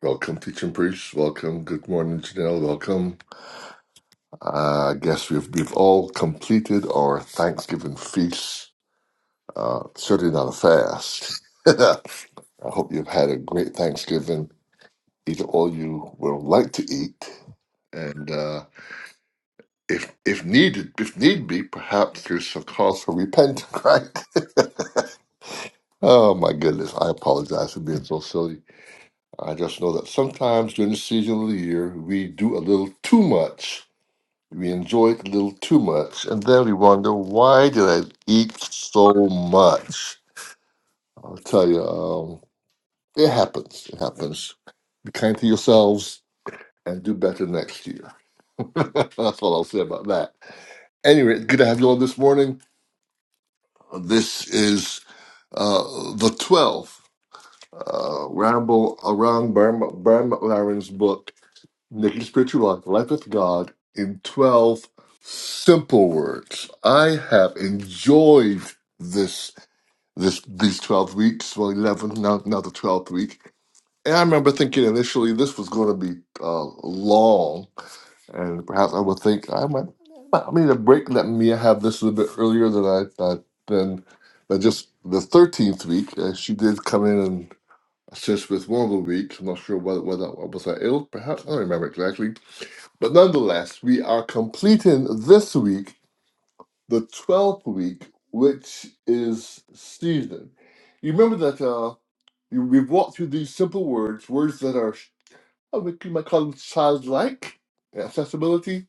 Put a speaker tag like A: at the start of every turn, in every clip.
A: Welcome, teaching priest. Welcome. Good morning, Janelle. Welcome. Uh, I guess we've we've all completed our Thanksgiving feast. Uh, certainly not a fast. I hope you've had a great Thanksgiving. Eat all you will like to eat, and uh, if if needed, if need be, perhaps there's a cause for repentance. Right? oh my goodness! I apologize for being so silly. I just know that sometimes during the season of the year, we do a little too much We enjoy it a little too much, and then we wonder why did I eat so much? I'll tell you, um, it happens. It happens. Be kind to yourselves and do better next year. That's all I'll say about that. Anyway, good to have you on this morning. This is uh, the 12th uh, Ramble Around Burma, Burma Laren's book Naked Spiritual Life, Life with God, in 12 simple words. I have enjoyed this, this, these 12 weeks, well, 11, now, now the 12th week. And I remember thinking initially this was going to be uh, long, and perhaps I would think I might, I need a break. Let me have this a little bit earlier than I thought. Then, but just the 13th week, uh, she did come in and assist with one of the weeks. I'm not sure whether, whether was I ill, perhaps I don't remember exactly but nonetheless, we are completing this week the 12th week, which is season. You remember that uh, you- we've walked through these simple words, words that are, I would- you might call them childlike, accessibility,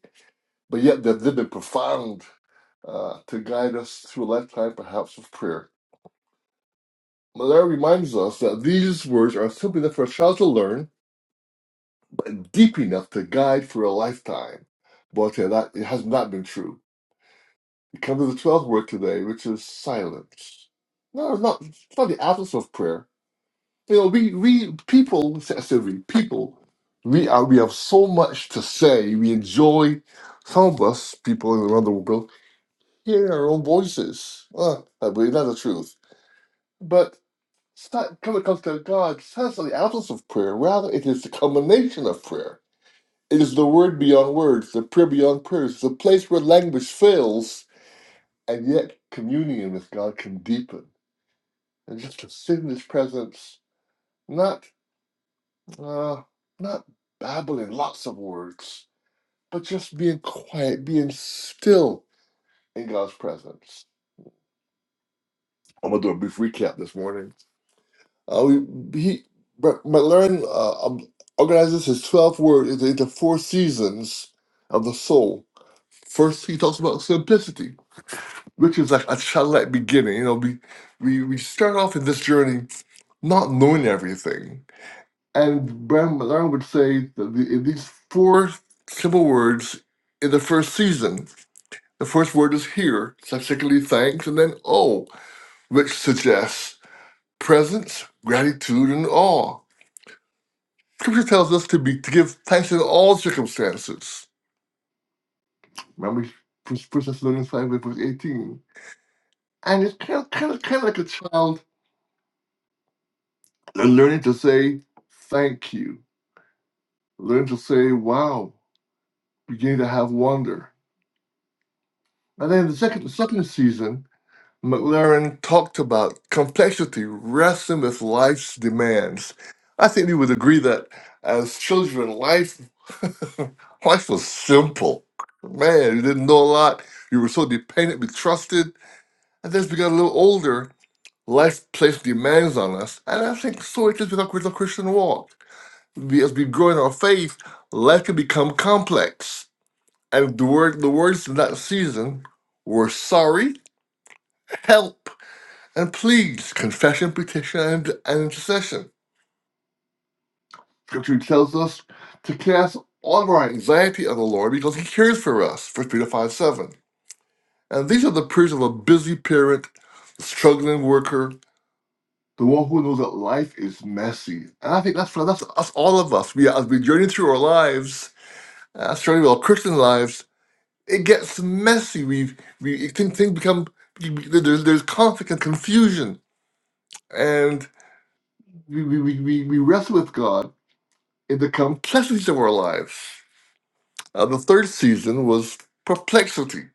A: but yet that they've been profound uh, to guide us through a lifetime, perhaps, of prayer. Malaria reminds us that these words are simple enough for a child to learn, deep enough to guide for a lifetime. But uh, that it has not been true. It comes to the twelfth word today, which is silence. No, it's not, it's not the absence of prayer. You know, we, we people, Sylvie, people, we are, we have so much to say. We enjoy, some of us, people around the world, hearing our own voices. Uh, I believe that's the truth. But it's not when it comes to God, it's not the absence of prayer. Rather, it is the culmination of prayer. It is the word beyond words, the prayer beyond prayers, the place where language fails and yet communion with God can deepen. And just to sit in His presence, not uh, not babbling lots of words, but just being quiet, being still in God's presence. I'm gonna do a brief recap this morning. Uh, we he but McLaren uh, um, organizes his twelve words into into four seasons of the soul. First, he talks about simplicity. which is like a childlike beginning. You know, we we we start off in this journey not knowing everything. And Bram Malone would say that the, in these four simple words in the first season, the first word is here, subsequently thanks, and then oh, which suggests presence, gratitude, and awe. Scripture tells us to be to give thanks in all circumstances. Remember, First Thessalonians five verse eighteen, and it's kind of kind of kind of like a child and learning to say thank you, learning to say wow, beginning to have wonder. And then the second, the second season, McLaren talked about complexity, wrestling with life's demands. I think we would agree that as children, life life was simple. Man, you didn't know a lot. You were so dependent, we trusted. And then as we got a little older, life placed demands on us. And I think so it is with our, with our Christian walk. we, as we grow in our faith, life can become complex. And if the word the words in that season were sorry, help, and please, confession, petition, and, and intercession. Scripture tells us to cast all of our anxiety on the Lord because He cares for us, First Peter 5 7. And these are the prayers of a busy parent, the struggling worker, the one who knows that life is messy. And I think that's for that's us all of us. We as we journey through our lives, uh, certainly our Christian lives, it gets messy. We, we things, things become there's there's conflict and confusion, and we we, we, we we wrestle with God in the complexities of our lives. Uh, the third season was perplexity,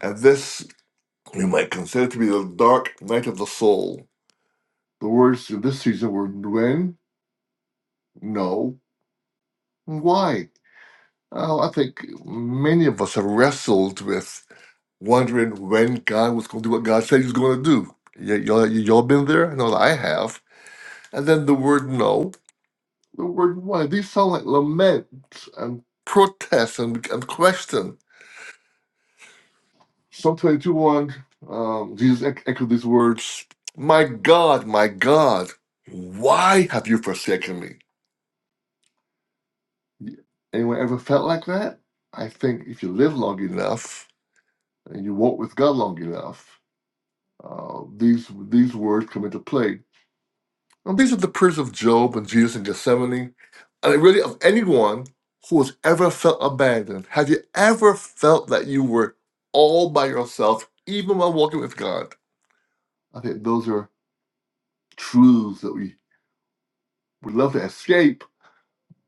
A: and this we might consider to be the dark night of the soul. The words in this season were when, no, and why. Oh, I think many of us have wrestled with. wondering when God was going to do what God said He was going to do. Y- y'all, y'all been there? I know that I have. And then the word no, the word why. These sound like laments and protests and, and question. Psalm 22 1, um, Jesus ec- echoed these words My God, my God, why have you forsaken me? Anyone ever felt like that? I think if you live long enough and you walk with God long enough, uh, these these words come into play Now, these are the prayers of Job and Jesus in Gethsemane, and really of anyone who has ever felt abandoned. Have you ever felt that you were all by yourself, even while walking with God? I think those are truths that we would love to escape,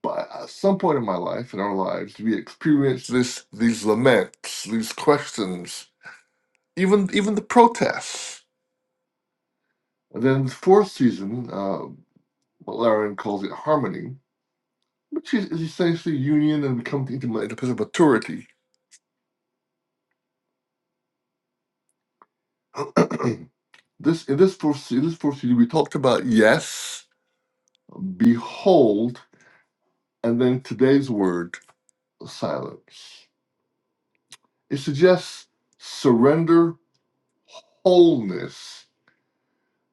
A: but at some point in my life, in our lives, we experience this these laments, these questions, even even the protests. And then the fourth season, uh, what Laren calls it harmony, which is, essentially union and comes into a interface of authority. this in this first in this first we talked about yes, behold, and then today's word silence. It suggests surrender, wholeness,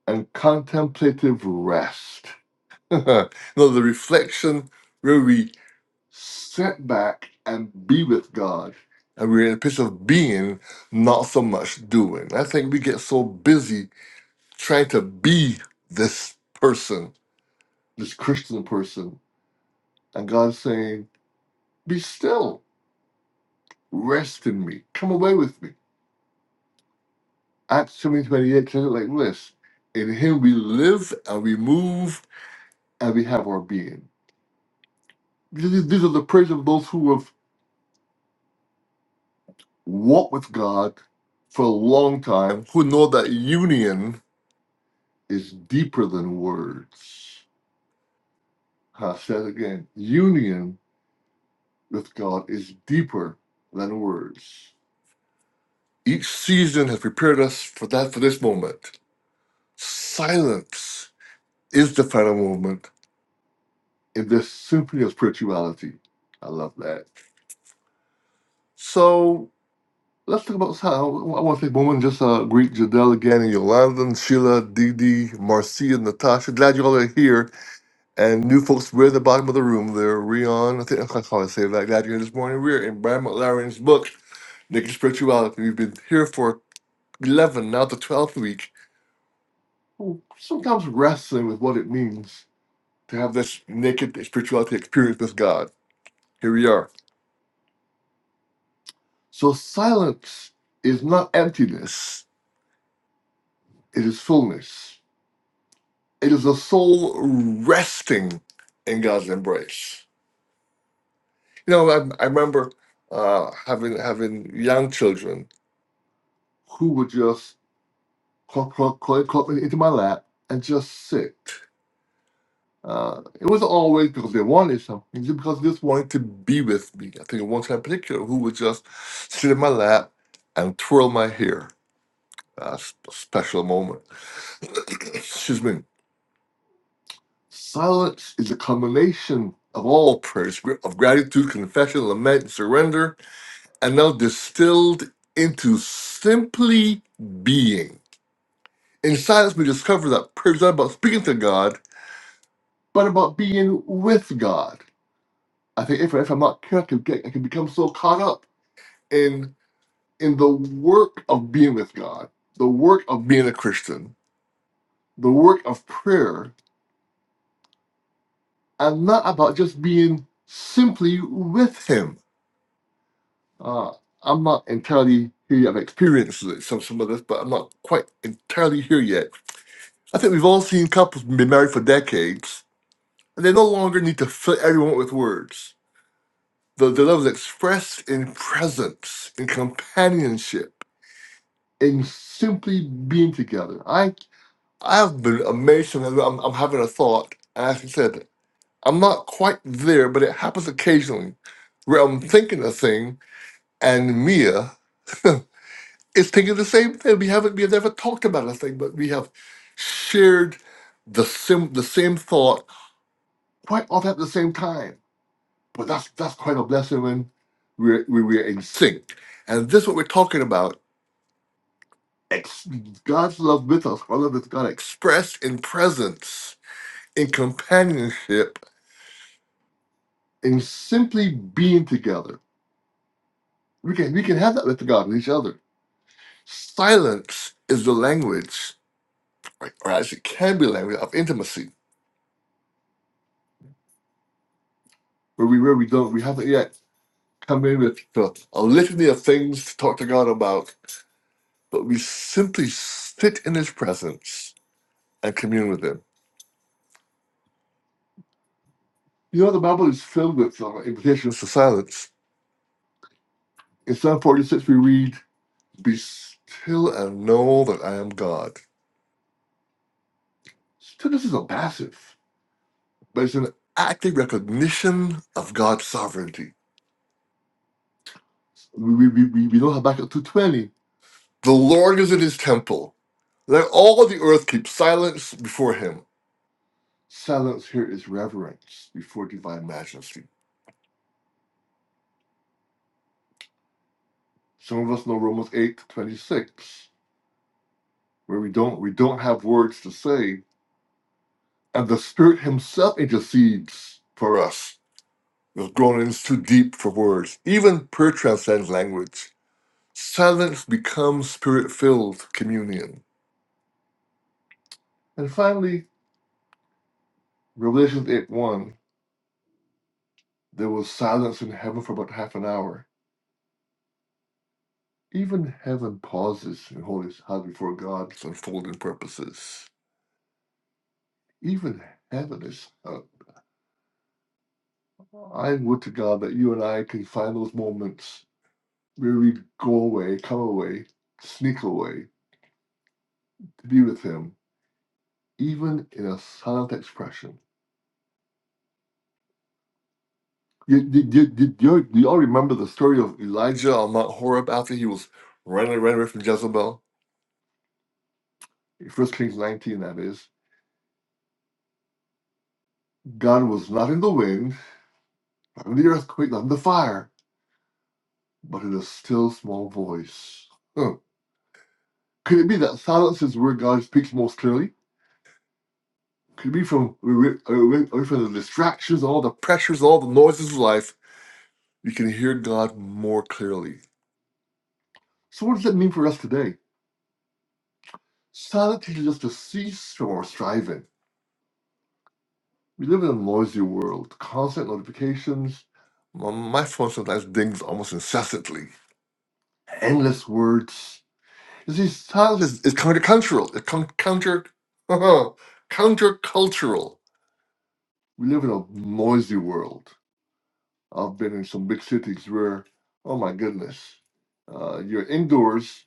A: and contemplative rest. no, the reflection where we sit back and be with God. And we're in a place of being, not so much doing. I think we get so busy trying to be this person, this Christian person. And God's saying, Be still, rest in me, come away with me. Acts 17 28 says it like this In him we live and we move and we have our being. These these are the prayers of those who have walked with God for a long time, who know that union is deeper than words. I said again, union with God is deeper than words. Each season has prepared us for that for this moment. Silence is the final moment in this symphony of spirituality. I love that. So let's talk about how I want to take a moment and just uh, greet Jadelle again and Yolanda, Sheila, Dee Dee, Marcia, Natasha. Glad you all are here. And new folks, we're at the bottom of the room there. Rion, I think that's how I say that. Glad you're here this morning. We're in Brian McLaren's book, Naked Spirituality. We've been here for 11, now the 12th week Well, sometimes wrestling with what it means to have this naked spirituality experience with God. Here we are. So silence is not emptiness, it is fullness. It is a soul resting in God's embrace. You know, I, I remember uh, having having young children who would just crawl, crawl, crawl clump into my lap and just sit. Uh, it was always because they wanted something, just because they just wanted to be with me. I think of one time in particular who would just sit in my lap and twirl my hair. That's a special moment. Excuse me. Silence is a culmination of all prayers of gratitude, confession, lament, and surrender, and now distilled into simply being. In silence, we discover that prayer is not about speaking to God, but about being with God. I think if, if I'm not careful, I can, get, I can become so caught up in in the work of being with God, the work of being a Christian, the work of prayer. I'm not about just being simply with Him. Uh, I'm not entirely here. yet. I've experienced some some of this, but I'm not quite entirely here yet. I think we've all seen couples been married for decades, and they no longer need to fill everyone with words. The, the love is expressed in presence, in companionship and simply being together. I I've been amazed sometimes. I'm, I'm having a thought, and as I said, I'm not quite there, but it happens occasionally where I'm thinking a thing, and Mia is thinking the same thing. We haven't we have never talked about a thing, but we have shared the sim the same thought quite often at the same time. But that's that's quite a blessing when we're we, we're in sync. And this is what we're talking about ex- God's love with us, our love with God expressed in presence, in companionship, in simply being together. We can we can have that with God and each other. Silence is the language, or or actually can be language of intimacy, where we where we don't we haven't yet come in with a, a litany of things to talk to God about, but we simply sit in His presence and commune with Him. You know the Bible is filled with uh, invitations to silence. In Psalm 46, we read Be still and know that I am God. Stillness isn't passive, but it's an active recognition of God's sovereignty. We, we, we, we know Habakkuk 2.20. The Lord is in his temple. Let all the earth keep silence before him. Silence here is reverence before divine majesty. Some of us know Romans 8 26, where we don't we don't have words to say, and the Spirit Himself intercedes for us The groanings too deep for words. Even prayer transcends language. Silence becomes spirit filled communion. And finally, Revelation 8 1 there was silence in heaven for about half an hour. Even heaven pauses and holds its head before God's unfolding purposes. Even heaven is. Uh, I would to God that you and I can find those moments where we go away, come away, sneak away to be with Him, even in a silent expression You, you, you, you, you you all remember the story of Elijah on Mount Horeb after he was running, running away from Jezebel? First Kings 19, that is. God was not in the wind, not in the earthquake, not in the fire, but in a still small voice. Huh. Could it be that silence is where God speaks most clearly? Could it be from away, away away from the distractions, all the pressures, all the noises of life? You can hear God more clearly. So, what does that mean for us today? Silence teaches us to cease from our striving We live in a noisy world, constant notifications. My my phone sometimes dings almost incessantly. Endless words. You see, silence is, is countercultural. It's con- counter, countercultural. We live in a noisy world. I've been in some big cities where, oh my goodness, uh, you're indoors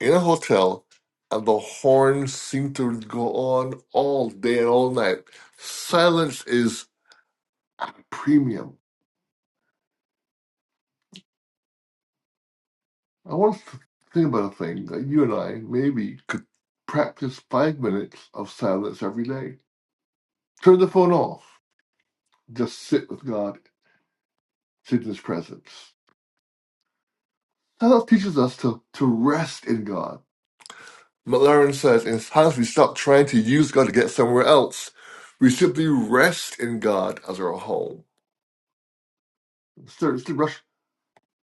A: in a hotel, and the horns seem to go on all day and all night. Silence is at a premium I want us to think about a thing that you and I maybe could practice five minutes of silence every day. Turn the phone off. Just sit with God, sit in His presence. Silence teaches us to, to rest in God. McLaren says, in silence, we stop trying to use God to get somewhere else. We simply rest in God as our home. Instead, instead, rush,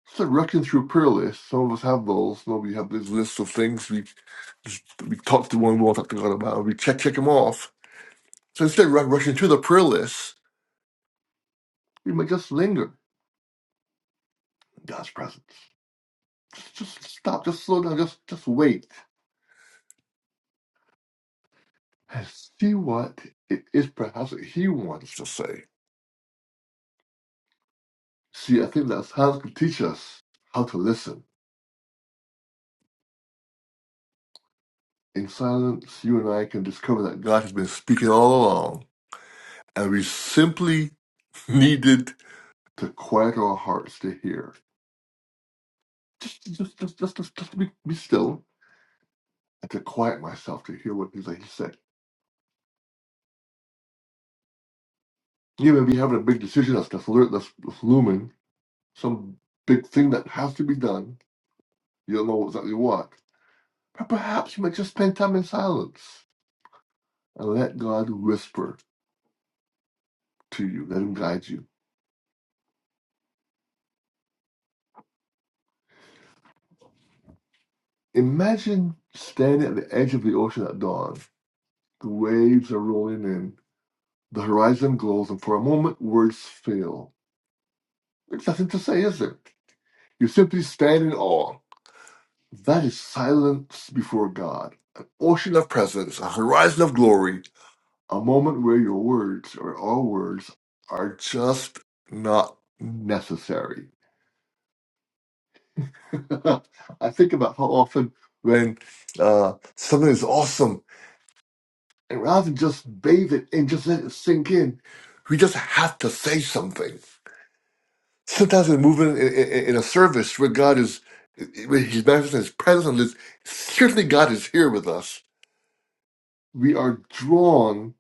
A: instead of rushing through prayer lists, some of us have those, some of you have this list of things we, we talk to one, we want to talk to God about, we check, check them off So instead of ru- rushing to the prayer list, we might just linger in God's presence. Just, stop, just slow down, just just wait and see what it is perhaps that He wants to say. See, I think that silence can teach us how to listen. In silence, you and I can discover that God has been speaking all along, and we simply needed to quiet our hearts to hear. Just, just, just, just, just, just be, be still and to quiet myself to hear what He's saying. you may be having a big decision that's that's, lo- that's that's looming, some big thing that has to be done. You don't know exactly what. But perhaps you might just spend time in silence and let God whisper to you, let Him guide you. Imagine standing at the edge of the ocean at dawn. The waves are rolling in, the horizon glows, and for a moment words fail. There's nothing to say, is there? You simply stand in awe. That is silence before God. An ocean of presence, a horizon of glory, A moment where your words or our words are just not necessary. I think about how often when uh, something is awesome, and rather than just bathe it and just let it sink in, we just have to say something. Sometimes we move in, in, in a service where God is, where He's manifesting His presence, on this certainly God is here with us. We are drawn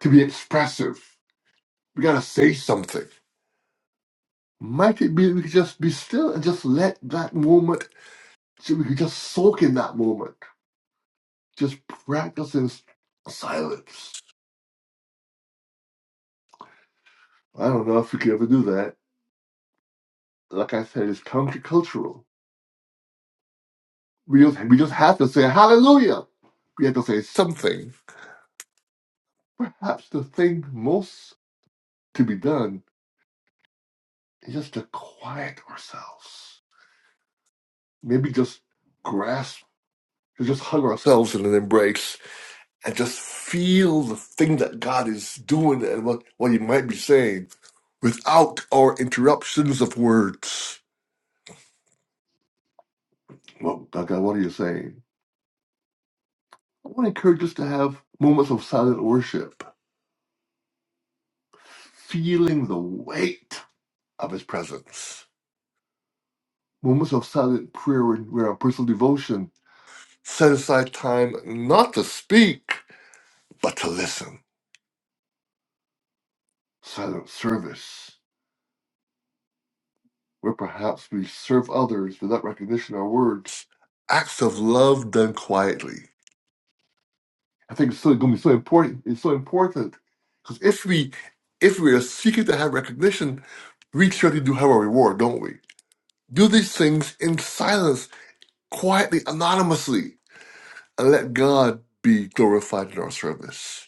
A: to be expressive. We got to say something. Might it be that we could just be still and just let that moment, so we could just soak in that moment, just practice in s- silence. I don't know if we could ever do that. Like I said, it's countercultural. We just, we just have to say hallelujah. We have to say something. Perhaps the thing most to be done is just to quiet ourselves. Maybe just grasp, to just hug ourselves in an embrace and just feel the thing that God is doing and what, what He might be saying without our interruptions of words. Well, God, God, what are you saying? I want to encourage us to have moments of silent worship, feeling the weight of His presence. Moments of silent prayer and where our personal devotion set aside time not to speak, but to listen. Silent service where perhaps we serve others without recognition of our words, acts of love done quietly. I think it's so, going to be so important. It's so important because if we if we are seeking to have recognition, we certainly do have our reward, don't we? Do these things in silence, quietly, anonymously, and let God be glorified in our service.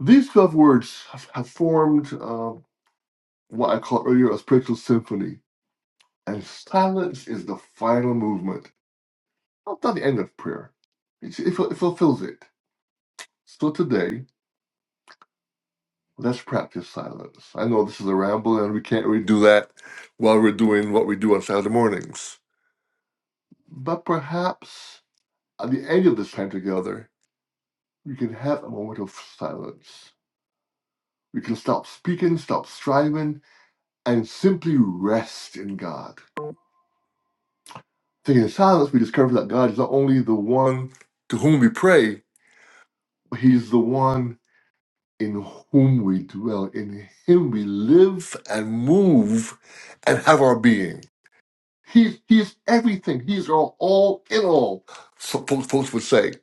A: These twelve words have, have formed uh, what I called earlier a spiritual symphony, and silence is the final movement Not the end of prayer. It, it, ful- it fulfills it. So today, let's practice silence. I know this is a ramble and we can't really do that while we're doing what we do on Saturday mornings. But perhaps at the end of this time together, we can have a moment of silence. We can stop speaking, stop striving, and simply rest in God. Taking silence, we discover that God is not only the one to whom we pray, but He's the one in whom we dwell, in him we live and move and have our being. He, he is everything. He's our all in all. So folks, folks would say,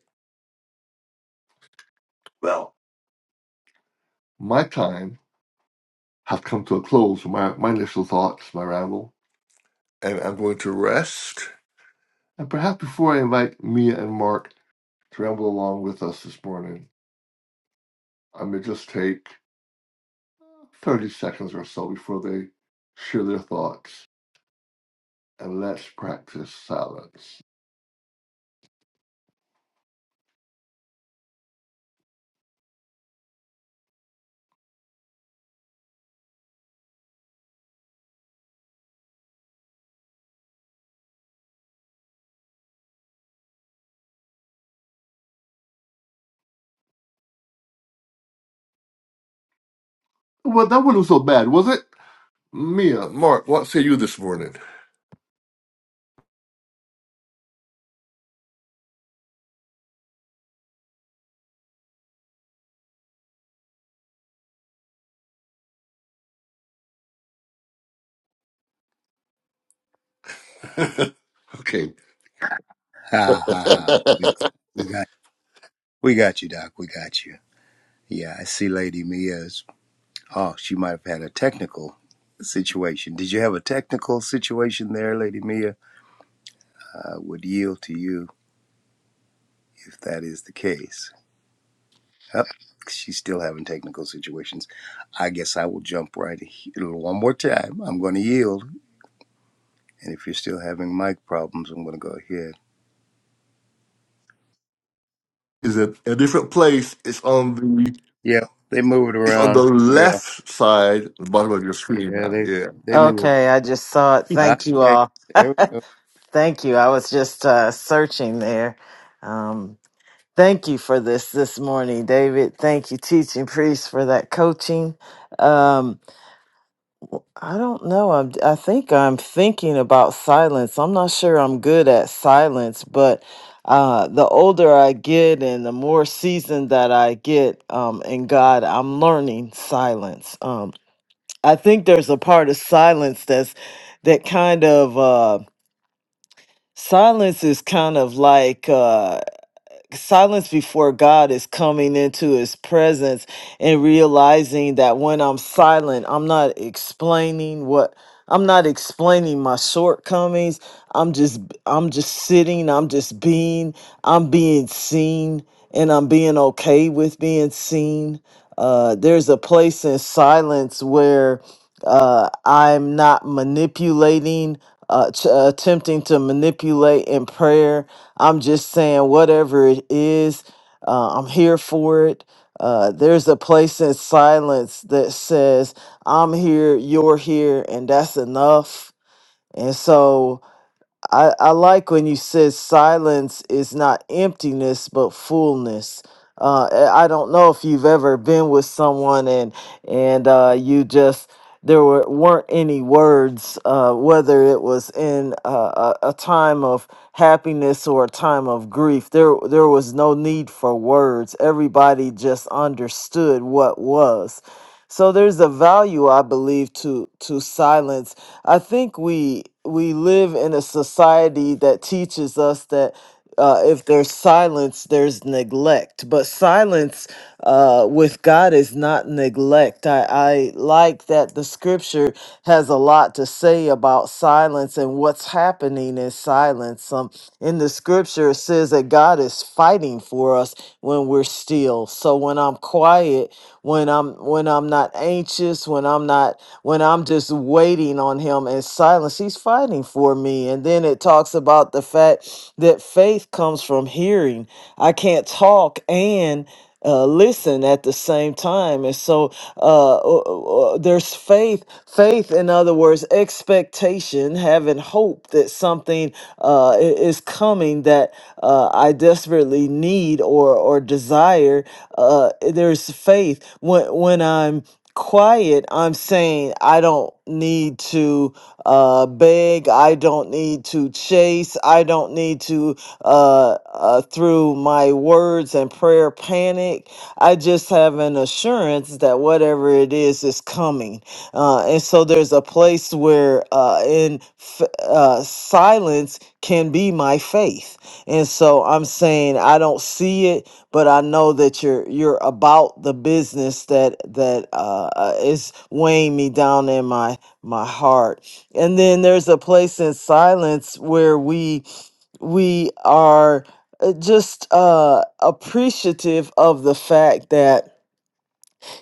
A: well, my time has come to a close, my, my initial thoughts, my ramble, and I'm going to rest. And perhaps before I invite Mia and Mark to ramble along with us this morning, I may just take 30 seconds or so before they share their thoughts and let's practice silence. Well, that wasn't so bad, was it? Mia, Mark, what say you this morning? okay.
B: Ha ha ha. We, we got we got you, Doc. We got you. Yeah, I see Lady Mia's. Oh, she might have had a technical situation. Did you have a technical situation there, Lady Mia? I would yield to you if that is the case. Yep. She's still having technical situations. I guess I will jump right here one more time. I'm going to yield. And if you're still having mic problems, I'm going to go ahead.
A: is it a different place. It's on the
B: Yeah, they move it
A: it's on the
B: around. Yeah.
A: left side, the bottom of your screen
B: Yeah,
A: now.
B: they,
A: Yeah.
B: they move
C: Okay, I just saw it.
B: it.
C: Thank you
B: Okay.
C: all.
B: There we go.
C: Thank you. I was just uh, searching there. Um, thank you for this this morning, David. Thank you, teaching priest, for that coaching. Um, I don't know. I'm, I think I'm thinking about silence. I'm not sure I'm good at silence, but uh, the older I get and the more seasoned that I get um, in God, I'm learning silence. Um, I think there's a part of silence that's that kind of. Uh, Silence is kind of like uh silence before God is coming into his presence and realizing that when I'm silent, I'm not explaining what I'm not explaining my shortcomings. I'm just I'm just sitting, I'm just being, I'm being seen and I'm being okay with being seen. Uh there's a place in silence where uh I'm not manipulating uh, t- attempting to manipulate in prayer I'm just saying, whatever it is, uh, I'm here for it. Uh, there's a place in silence that says, I'm here, you're here, and that's enough. And so, I, I like when you said silence is not emptiness but fullness. Uh, I I don't know if you've ever been with someone and and uh, you just there were weren't any words, uh, whether it was in uh, a, a time of happiness or a time of grief. There there was no need for words. Everybody just understood what was. So there's a value I believe to to silence I think we we live in a society that teaches us that uh, if there's silence, there's neglect. But silence uh, with God is not neglect. I, I like that the scripture has a lot to say about silence and what's happening in silence. Um, in the scripture, it says that God is fighting for us when we're still. So when I'm quiet, when I'm when I'm not anxious, when I'm not when I'm just waiting on him in silence, he's fighting for me. And then it talks about the fact that faith comes from hearing. I can't talk and uh, listen at the same time. And so uh, o- o- there's faith, faith, in other words, expectation, having hope that something uh, i- is coming that uh, I desperately need or, or desire. Uh, there's faith. When, when I'm quiet, I'm saying I don't need to uh, beg, I don't need to chase, I don't need to uh, uh, through my words and prayer panic. I just have an assurance that whatever it is is coming. Uh, and so there's a place where uh, in f- uh, silence can be my faith. And so I'm saying I don't see it, but I know that you're you're about the business that that uh, uh, is weighing me down in my my heart. And then there's a place in silence where we we are uh, just uh, appreciative of the fact that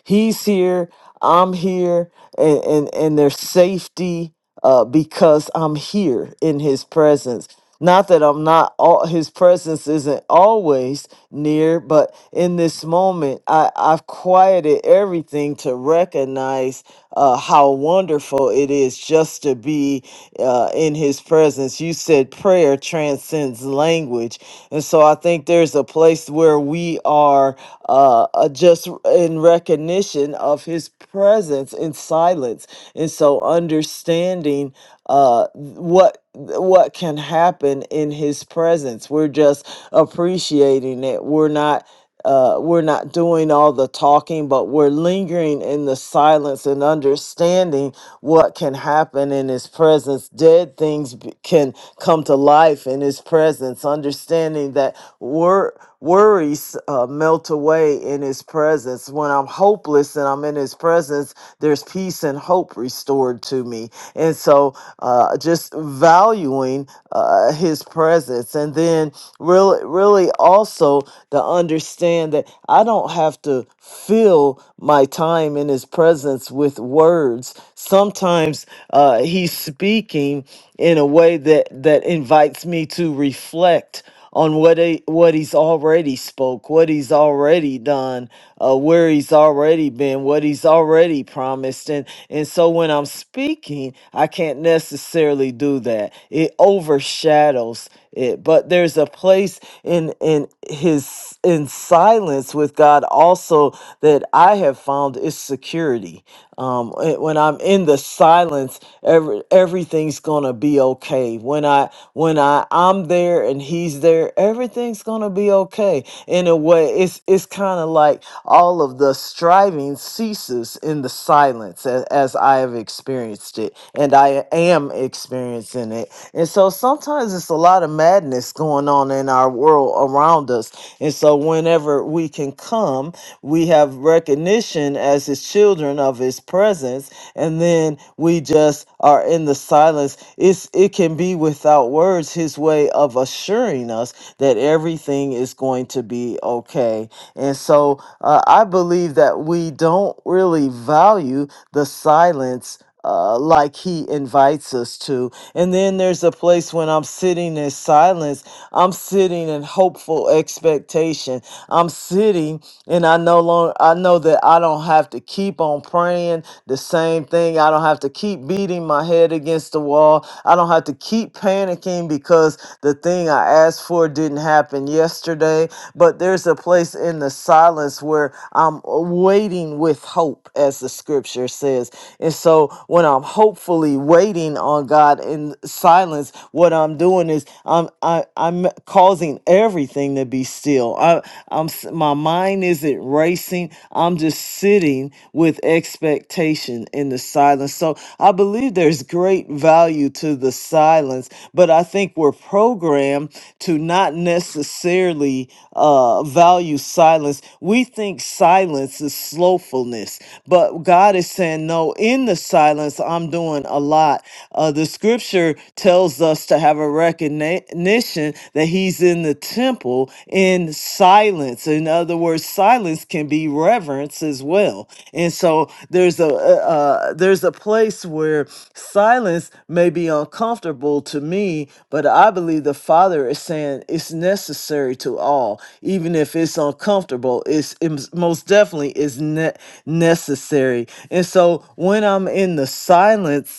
C: He's here, I'm here, and, and, and there's safety uh, because I'm here in his presence. Not that I'm not, all, his presence isn't always near, but in this moment, I, I've quieted everything to recognize uh, how wonderful it is just to be uh, in his presence. You said prayer transcends language and so I think there's a place where we are uh, uh, just in recognition of his presence in silence. And so understanding uh, what what can happen in his presence. We're just appreciating it. We're not uh, we're not doing all the talking, but we're lingering in the silence and understanding what can happen in His presence. Dead things b- can come to life in His presence. Understanding that wor- worries uh, melt away in His presence. When I'm hopeless and I'm in His presence, there's peace and hope restored to me. And so, uh, just valuing uh, His presence, and then really, really really also to understand that I don't have to fill my time in His presence with words. Sometimes uh, He's speaking in a way that that invites me to reflect on what he, what He's already spoke, what He's already done, uh, where he's already been, what he's already promised. And, and so when I'm speaking, I can't necessarily do that. It overshadows it. But there's a place in, in his, in silence with God also that I have found is security. Um, when I'm in the silence, every, everything's gonna be okay. When I when I I'm there and he's there, everything's gonna be okay. In a way, it's it's kind of like all of the striving ceases in the silence as, as I have experienced it, and I am experiencing it. And so sometimes it's a lot of madness going on in our world around us. And so whenever we can come, we have recognition as his children of his presence and then we just are in the silence it's it can be without words his way of assuring us that everything is going to be okay and so uh, I believe that we don't really value the silence. Uh, like he invites us to. And then there's a place when I'm sitting in silence, I'm sitting in hopeful expectation. I'm sitting and I no longer I know that I don't have to keep on praying the same thing. I don't have to keep beating my head against the wall. I don't have to keep keep panicking because the thing I asked for didn't happen yesterday. But there's a place in the silence where I'm waiting with hope, as the scripture says. And so when I'm hopefully waiting on God in silence, what I'm doing is I'm I, I'm causing everything to be still. I, I'm s- my mind isn't racing. I'm just sitting with with expectation in the silence. So I believe there's great value to the silence, but I think we're programmed to not necessarily uh, value silence. We think silence is slowfulness, but God is saying, no, in the silence, I'm doing a lot. Uh, the scripture tells us to have a recognition that He's in the temple in silence. In other words, silence can be reverence as well. And so there's a uh, uh, there's a place where silence may be uncomfortable to me, but I believe the Father is saying it's necessary to all, even if it's uncomfortable. It's it most definitely is ne- necessary. And so when I'm in the silence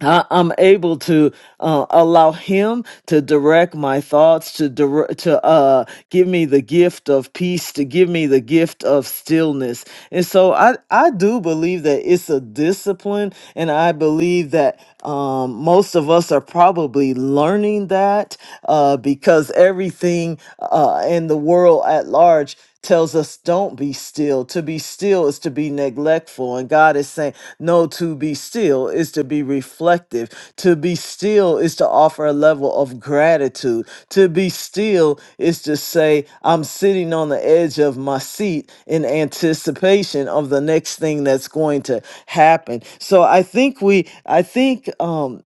C: I, I'm able to uh, allow Him to direct my thoughts, to dire- to uh, give me the gift of peace, to give me the gift of stillness. And so I I do believe that it's a discipline, and I believe that um, most of us are probably learning that uh, because everything uh, in the world at large tells us don't be still to be still is to be neglectful and god is saying know to be still is to be reflective. To be still is to offer a level of gratitude. To be still is to say, I'm sitting on the edge of my seat in anticipation of the next thing that's going to happen. So I think we, I think, um,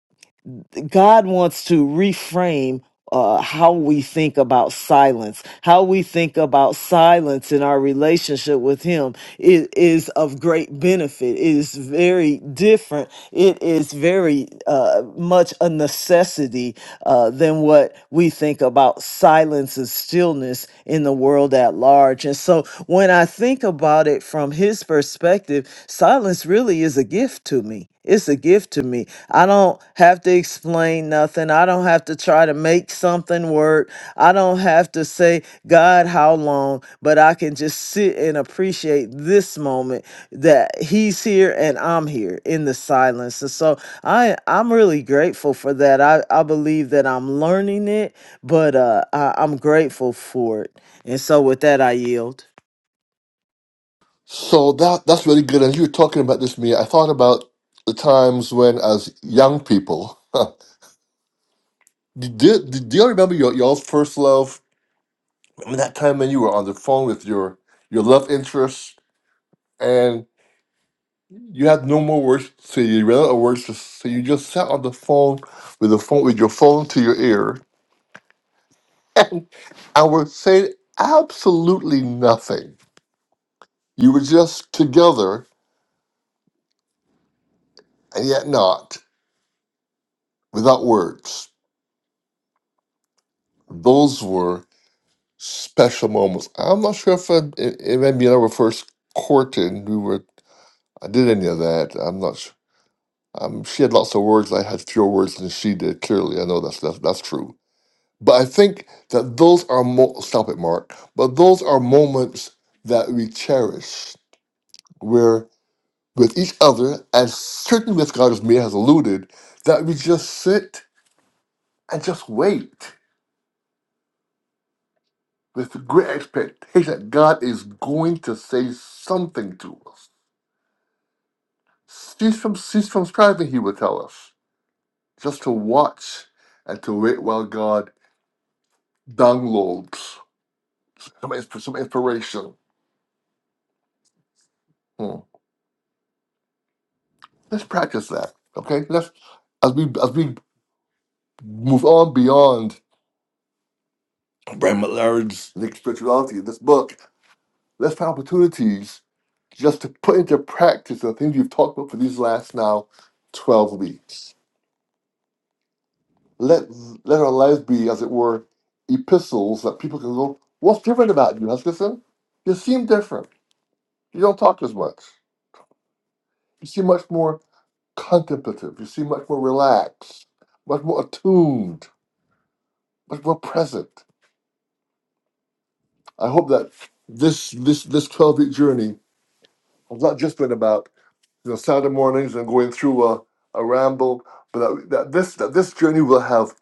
C: God wants to reframe uh, how we think about silence, how we think about silence in our relationship with Him is, is of great benefit. It is very different. It is very uh, much a necessity uh, than what we think about silence and stillness in the world at large. And so when I think about it from His perspective, silence really is a gift to me it's a gift to me. I don't have to explain nothing. I don't have to try to make something work. I don't have to say, God, how long? But I can just sit and appreciate this moment that He's here and I'm here in the silence. And so I, I'm really grateful for that. I, I believe that I'm learning it, but uh, I, I'm grateful for it. And so with that, I yield.
A: So that that's really good. And you were talking about this, Mia. I thought about the times when, as young people, did, did, do you remember your y'all's first love? I mean, that time when you were on the phone with your your love interest, and. You had no more words to say. You ran out of words to say. You just sat on the phone with the phone with your phone to your ear, and I was saying absolutely nothing. You were just together and yet not, without words. Those were special moments. I'm not sure if I, if if Amy and I were first courting. We were. I did any of that. I'm not sure. Um, she had lots of words. I had fewer words than she did. Clearly, I know that's that's, that's true But I think that those are mo- stop it, Mark. But those are moments that we cherish, where with each other, and certainly with God, as Mia has alluded, that we just sit and just wait with the great expectation that God is going to say something to us. Cease from cease from striving, He will tell us, just to watch and to wait while God downloads some, insp- some inspiration. Hmm. Let's practice that. Okay. Let's as we as we move on beyond Brian McLaren's Nick Spirituality, this book, let's find opportunities just to put into practice the things we've talked about for these last now 12 weeks. Let let our lives be, as it were, epistles that people can go, what's different about you, Huskisson? You seem different. You don't talk as much. You seem much more contemplative. You seem much more relaxed, much more attuned, much more present. I hope that this this this twelve week journey has not just been about you know Saturday mornings and going through a, a ramble, but that, that this that this journey will have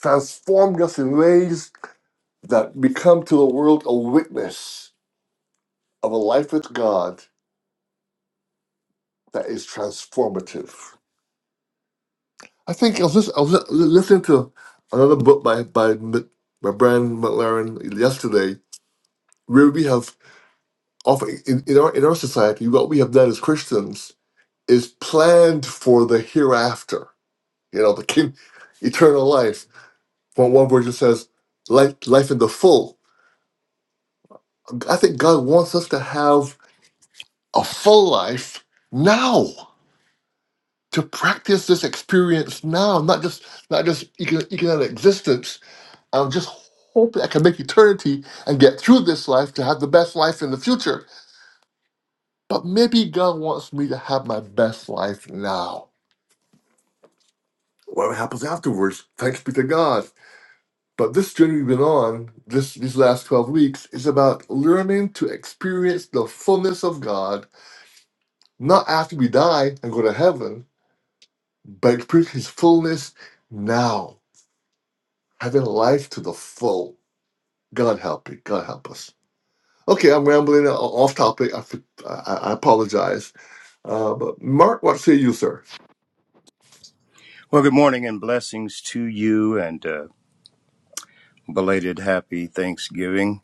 A: transformed us in ways that we come to the world a witness of a life with God that is transformative. I think I was, lis- I was li- listening to another book by by M- by Brian McLaren yesterday, where we have often in, in our in our society what we have done as Christians is planned for the hereafter, you know, the king, eternal life. One, one version says, life, life in the full. I think God wants us to have a full life now, to practice this experience now, not just not just econ- economic existence. I'm just hoping I can make eternity and get through this life to have the best life in the future. But maybe God wants me to have my best life now. What happens afterwards, thanks be to God. But this journey we've been on this these last 12 weeks is about learning to experience the fullness of God, not after we die and go to heaven, but experience his fullness now, having life to the full. God help me. God help us. Okay, I'm rambling o- off topic. I I, I apologize. Uh, but Mark, what say you, sir?
B: Well, good morning and blessings to you and uh, belated happy Thanksgiving.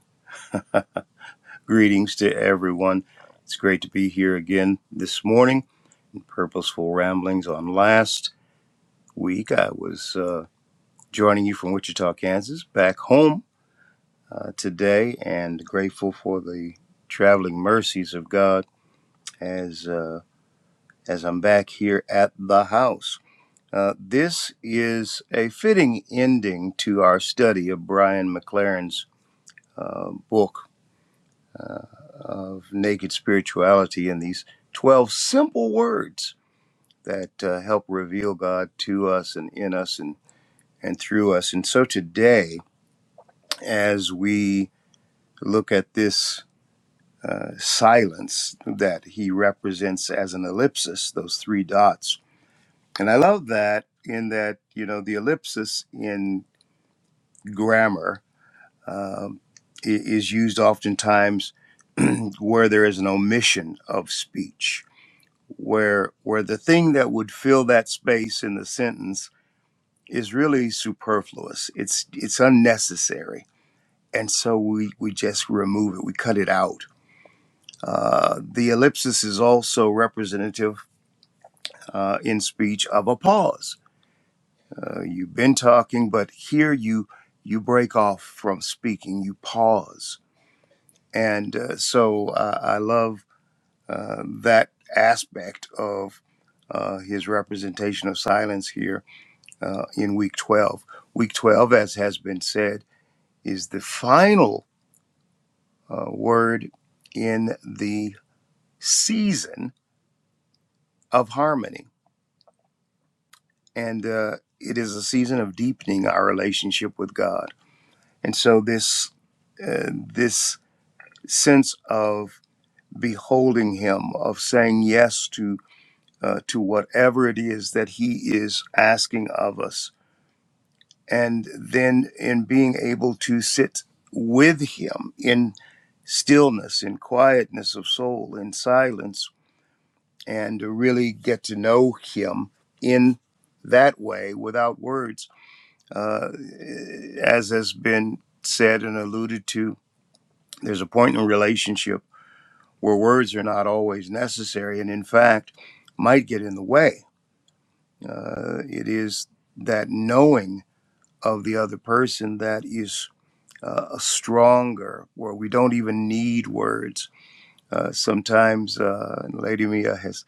B: Greetings to everyone. It's great to be here again this morning. Purposeful Ramblings on last week. I was uh, joining you from Wichita, Kansas, back home uh, today, and grateful for the traveling mercies of God as uh, as I'm back here at the house. Uh, this is a fitting ending to our study of Brian McLaren's uh, book uh, of naked spirituality and these 12 simple words that uh, help reveal God to us and in us and, and through us. And so today, as we look at this uh, silence that he represents as an ellipsis, those three dots. And I love that in that, you know, the ellipsis in grammar um, i- is used oftentimes where there is an omission of speech where where the thing that would fill that space in the sentence is really superfluous. It's it's unnecessary, and so we we just remove it. We cut it out. Uh, the ellipsis is also representative uh, in speech of a pause. Uh, you've been talking, but here you you break off from speaking. You pause, and uh, so uh, I love uh, that aspect of uh, his representation of silence here uh, in week 12. Week 12, as has been said, is the final uh, word in the season of harmony. And uh, it is a season of deepening our relationship with God. And so, this, uh, this sense of beholding Him, of saying yes to, uh, to whatever it is that He is asking of us, and then in being able to sit with him in stillness in quietness of soul in silence and to really get to know him in that way without words uh, as has been said and alluded to there's a point in a relationship where words are not always necessary and in fact might get in the way uh, it is that knowing of the other person that is uh, stronger, where we don't even need words. Uh, sometimes, uh, Lady Mia has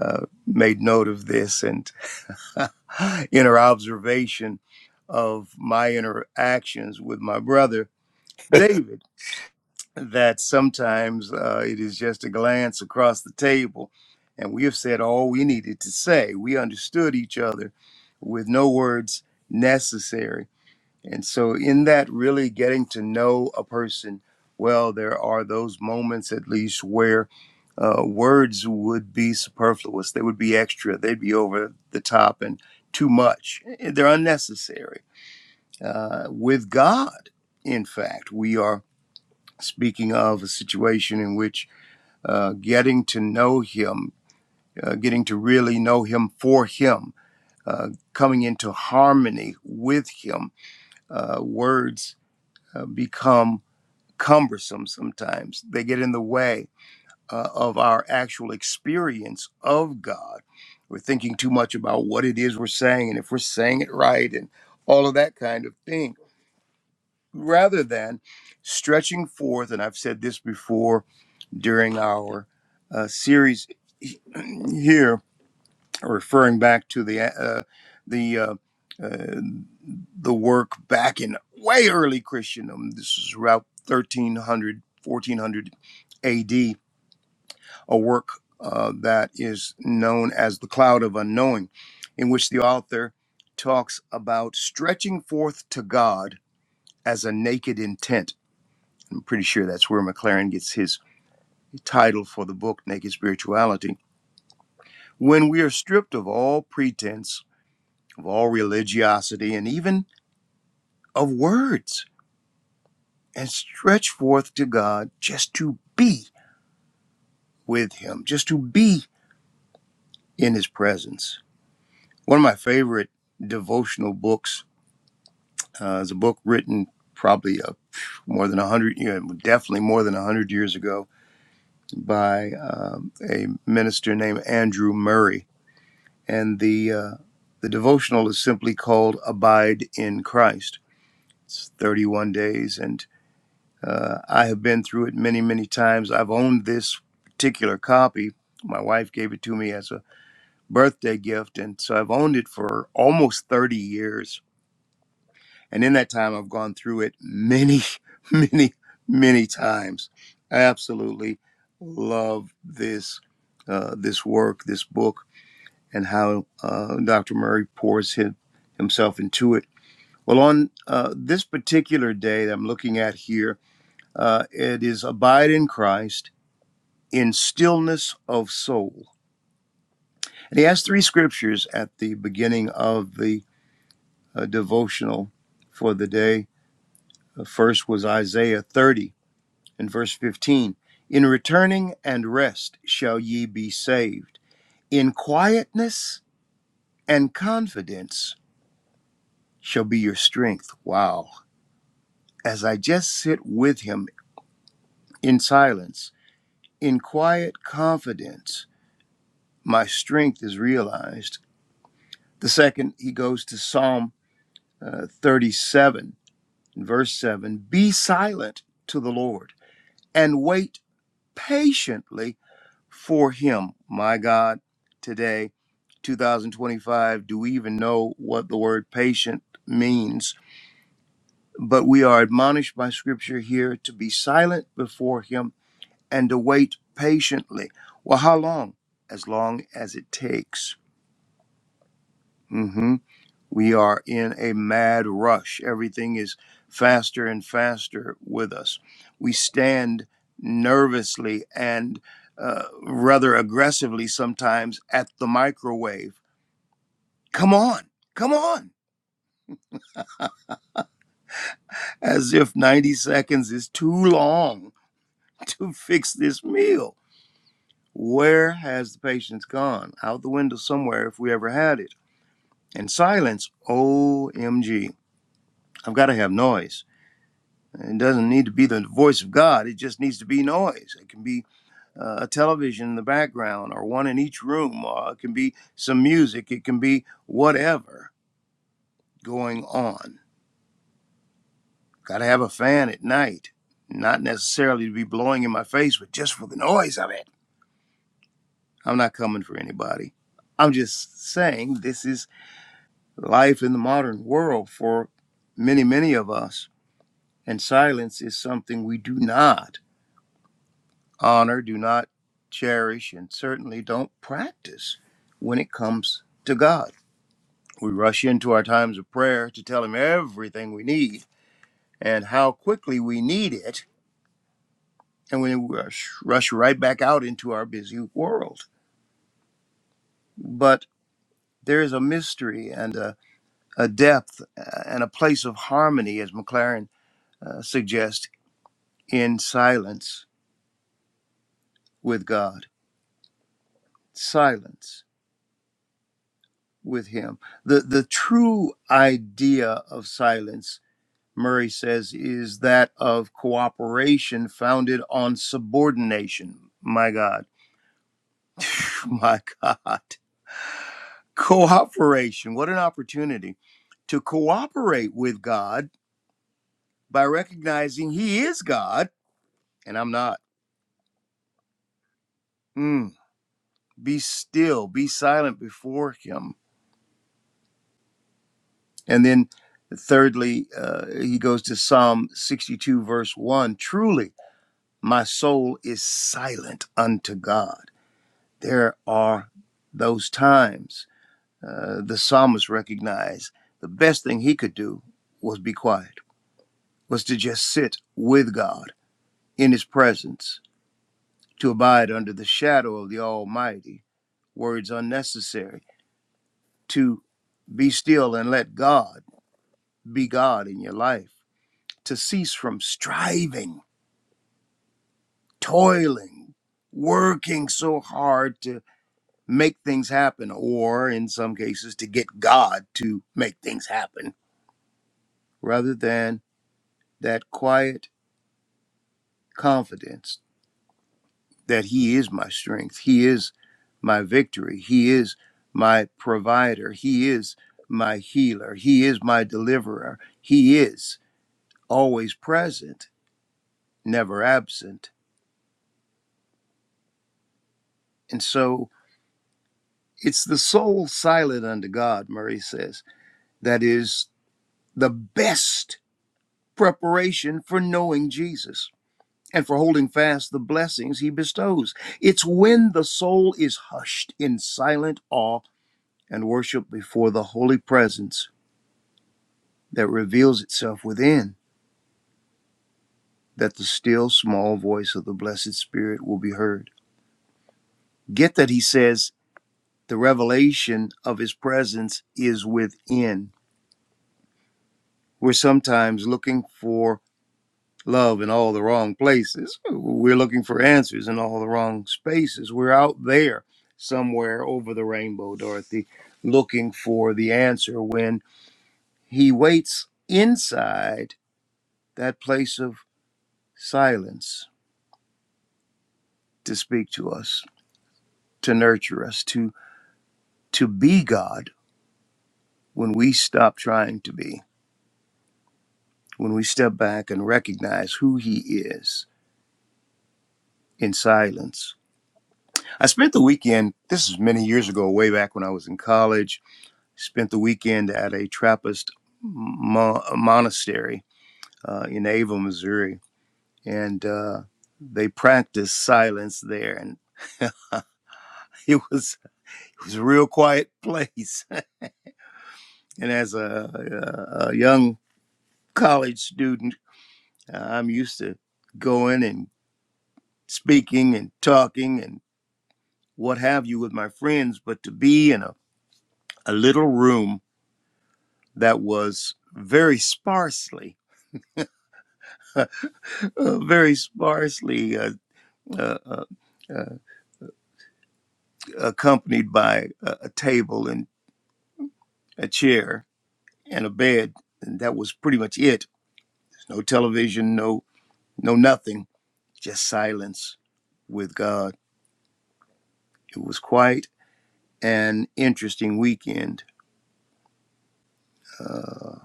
B: uh, made note of this, and in her observation of my interactions with my brother David, that sometimes uh, it is just a glance across the table, and we have said all we needed to say. We understood each other with no words necessary and so, in that, really getting to know a person well, there are those moments at least where uh, words would be superfluous. They would be extra. They'd be over the top and too much. Eh, eh, They're unnecessary. Uh, with God, in fact, we are speaking of a situation in which uh, getting to know Him, uh, getting to really know Him for Him, uh, coming into harmony with Him, uh, words uh, become cumbersome sometimes. They get in the way uh, of our actual experience of God. We're thinking too much about what it is we're saying and if we're saying it right and all of that kind of thing, rather than stretching forth. And I've said this before during our uh, series here, referring back to the uh, the uh, uh, the work back in way early Christendom. This is around 1300, 1400. AD, a work uh, that is known as The Cloud of Unknowing, in which the author talks about stretching forth to God as a naked intent. I'm pretty sure that's where McLaren gets his title for the book, Naked Spirituality. When we are stripped of all pretense, of all religiosity, and even of words, and stretch forth to God just to be with Him, just to be in His presence One of my favorite devotional books uh, is a book written probably uh, more than 100, yeah, definitely more than 100 years ago by um, a minister named Andrew Murray. And the, uh, the devotional is simply called Abide in Christ. It's 31 days. And uh, I have been through it many, many times. I've owned this particular copy. My wife gave it to me as a birthday gift. And so I've owned it for almost 30 years And in that time, I've gone through it many, many, many times. I absolutely love this uh, this work, this book, and how uh, Dr. Murray pours him, himself into it. Well, on uh, this particular day that I'm looking at here, uh, it is abide in Christ in stillness of soul. And he has three scriptures at the beginning of the uh, devotional for the day. The first was Isaiah 30 In verse 15, in returning and rest shall ye be saved. In quietness and confidence shall be your strength. Wow. As I just sit with him in silence, in quiet confidence, my strength is realized. The second, he goes to Psalm uh, 37, verse 7 Be silent to the Lord and wait patiently for him. My God, today, 2025, do we even know what the word patient means? But we are admonished by scripture here to be silent before him and to wait patiently. Well, how long? As long as it takes. Mm-hmm. We are in a mad rush. Everything is faster and faster with us. We stand nervously and uh, rather aggressively sometimes at the microwave. Come on, come on. As if 90 seconds is too long to fix this meal. Where has the patience gone? Out the window somewhere if we ever had it. And silence, OMG. I've got to have noise. It doesn't need to be the voice of God. It just needs to be noise. It can be uh, a television in the background or one in each room, or it can be some music. It can be whatever going on. Got to have a fan at night, not necessarily to be blowing in my face, but just for the noise of it. I'm not coming for anybody. I'm just saying this is life in the modern world for many, many of us. And silence is something we do not. honor, do not cherish, and certainly don't practice when it comes to God. We rush into our times of prayer to tell Him everything we need and how quickly we need it, and we rush, rush right back out into our busy world. But there is a mystery and a, a depth uh, and a place of harmony, as McLaren uh, suggests, in silence with God. Silence. with him. The the true idea of silence, Murray says, is that of cooperation founded on subordination. My God. My God. Cooperation. What an opportunity to cooperate with God by recognizing he is God and I'm not. Mm. Be still, be silent before him. And then thirdly, uh, he goes to Psalm 62 verse 1. Truly My soul is silent unto God. There are those times uh, the psalmist recognized the best thing he could do was be quiet, was to just sit with God in his presence, to abide under the shadow of the Almighty. Words unnecessary, to be still and let God be God in your life, to cease from striving, toiling, working so hard to. make things happen, or in some cases, to get God to make things happen, rather than that quiet confidence that He is my strength, He is my victory, He is my provider, He is my healer, He is my deliverer, He is always present, never absent. And so it's the soul silent unto God, Murray says, that is the best preparation for knowing Jesus and for holding fast the blessings he bestows. It's when the soul is hushed in silent awe and worship before the holy presence that reveals itself within that the still small voice of the blessed spirit will be heard. Get that he says the revelation of his presence is within. We're sometimes looking for love in all the wrong places. We're looking for answers in all the wrong spaces. We're out there somewhere over the rainbow, Dorothy, looking for the answer when he waits inside that place of silence to speak to us, to nurture us, to to be God when we stop trying to be, when we step back and recognize who he is in silence. I spent the weekend, this is many years ago, way back when I was in college Spent the weekend at a Trappist mo- monastery uh, in Ava, Missouri, and uh, they practiced silence there. And it was it was a real quiet place. And as a, a, a young college student, uh, I'm used to going and speaking and talking and what have you with my friends, but to be in a, a little room that was very sparsely, uh, very sparsely uh, uh, uh, uh, accompanied by a, a table and a chair and a bed, and that was pretty much it. No television, no no nothing, just silence with God. It was quite an interesting weekend, uh,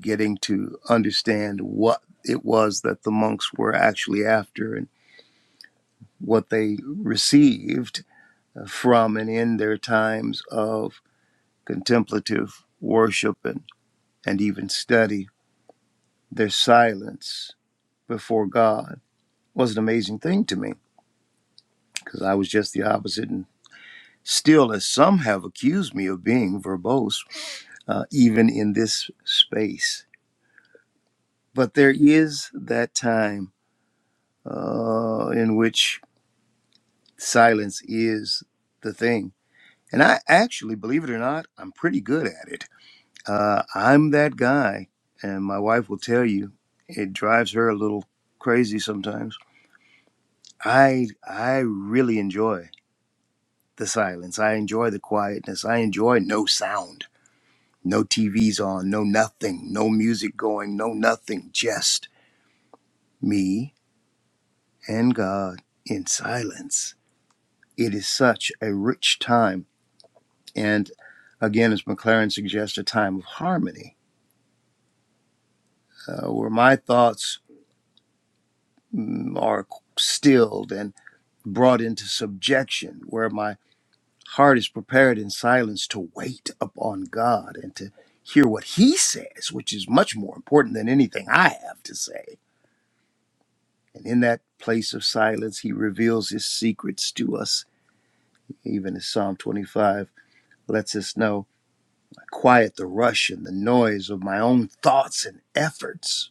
B: getting to understand what it was that the monks were actually after and what they received uh, from and in their times of contemplative worship and, and even study their silence before God was an amazing thing to me because I was just the opposite. And still, as some have accused me of being verbose, uh, even in this space. But there is that time uh, in which silence is the thing. And I actually, believe it or not, I'm pretty good at it. Uh, I'm that guy. And my wife will tell you it drives her a little crazy sometimes. I I really enjoy the silence. I enjoy the quietness. I enjoy no sound, no TVs on, no nothing, no music going, no nothing, just me and God in silence. It is such a rich time. And again, as McLaren suggests, a time of harmony uh, where my thoughts mm, are stilled and brought into subjection, where my Heart is prepared in silence to wait upon God and to hear what He says, which is much more important than anything I have to say. And in that place of silence, He reveals His secrets to us. Even as Psalm 25 lets us know, I quiet the rush and the noise of my own thoughts and efforts.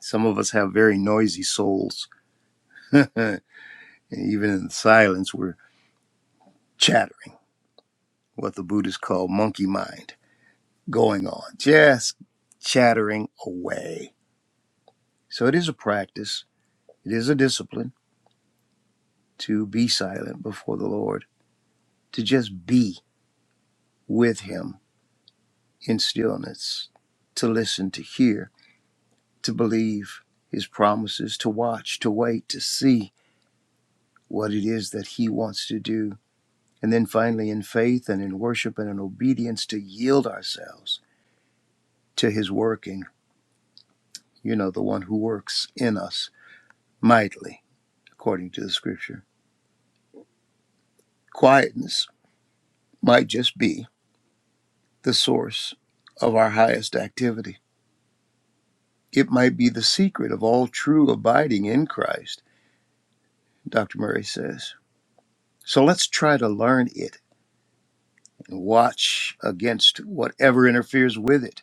B: Some of us have very noisy souls. and even in silence, we're chattering, what the Buddhists call monkey mind. going on, just chattering away. So it is a practice, it is a discipline to be silent before the Lord, to just be with Him in stillness, to listen, to hear, to believe His promises, to watch, to wait, to see what it is that He wants to do. And then finally, in faith and in worship and in obedience, to yield ourselves to His working, you know, the one who works in us mightily, according to the scripture. Quietness might just be the source of our highest activity. It might be the secret of all true abiding in Christ, Dr. Murray says. So let's try to learn it and watch against whatever interferes with it.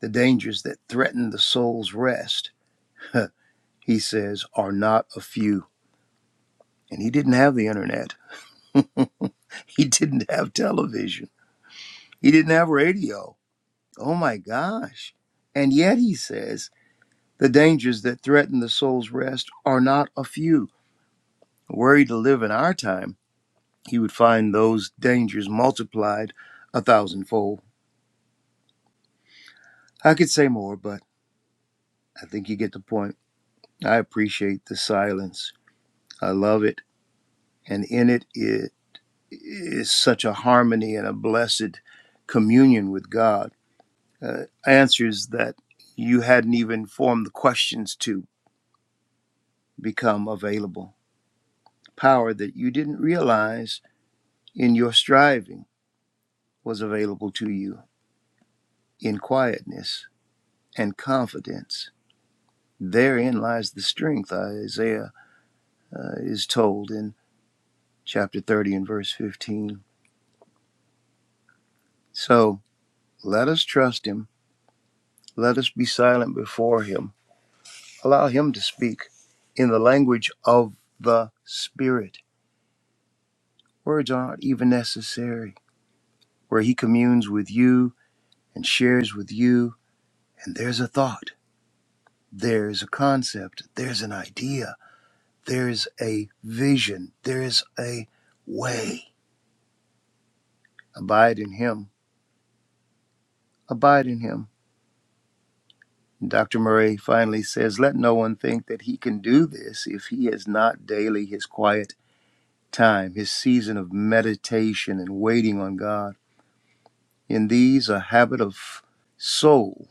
B: The dangers that threaten the soul's rest, he says, are not a few. And he didn't have the internet, he didn't have television, he didn't have radio. Oh my gosh. And yet, he says, The dangers that threaten the soul's rest are not a few. Were he to live in our time, he would find those dangers multiplied a thousandfold. I could say more, but I think you get the point. I appreciate the silence. I love it. And in it it is such a harmony and a blessed communion with God. Uh, answers that you hadn't even formed the questions to become available. Power that you didn't realize in your striving was available to you in quietness and confidence. Therein lies the strength, Isaiah uh, is told in chapter 30 and verse 15. So let us trust him. Let us be silent before him. Allow him to speak in the language of the Spirit. Words aren't even necessary, where he communes with you and shares with you, and there's a thought, there's a concept, there's an idea There is a vision. There is a way. Abide in him. Abide in him. And Dr. Murray finally says, Let no one think that he can do this if he has not daily his quiet time, his season of meditation and waiting on God. In these, a habit of soul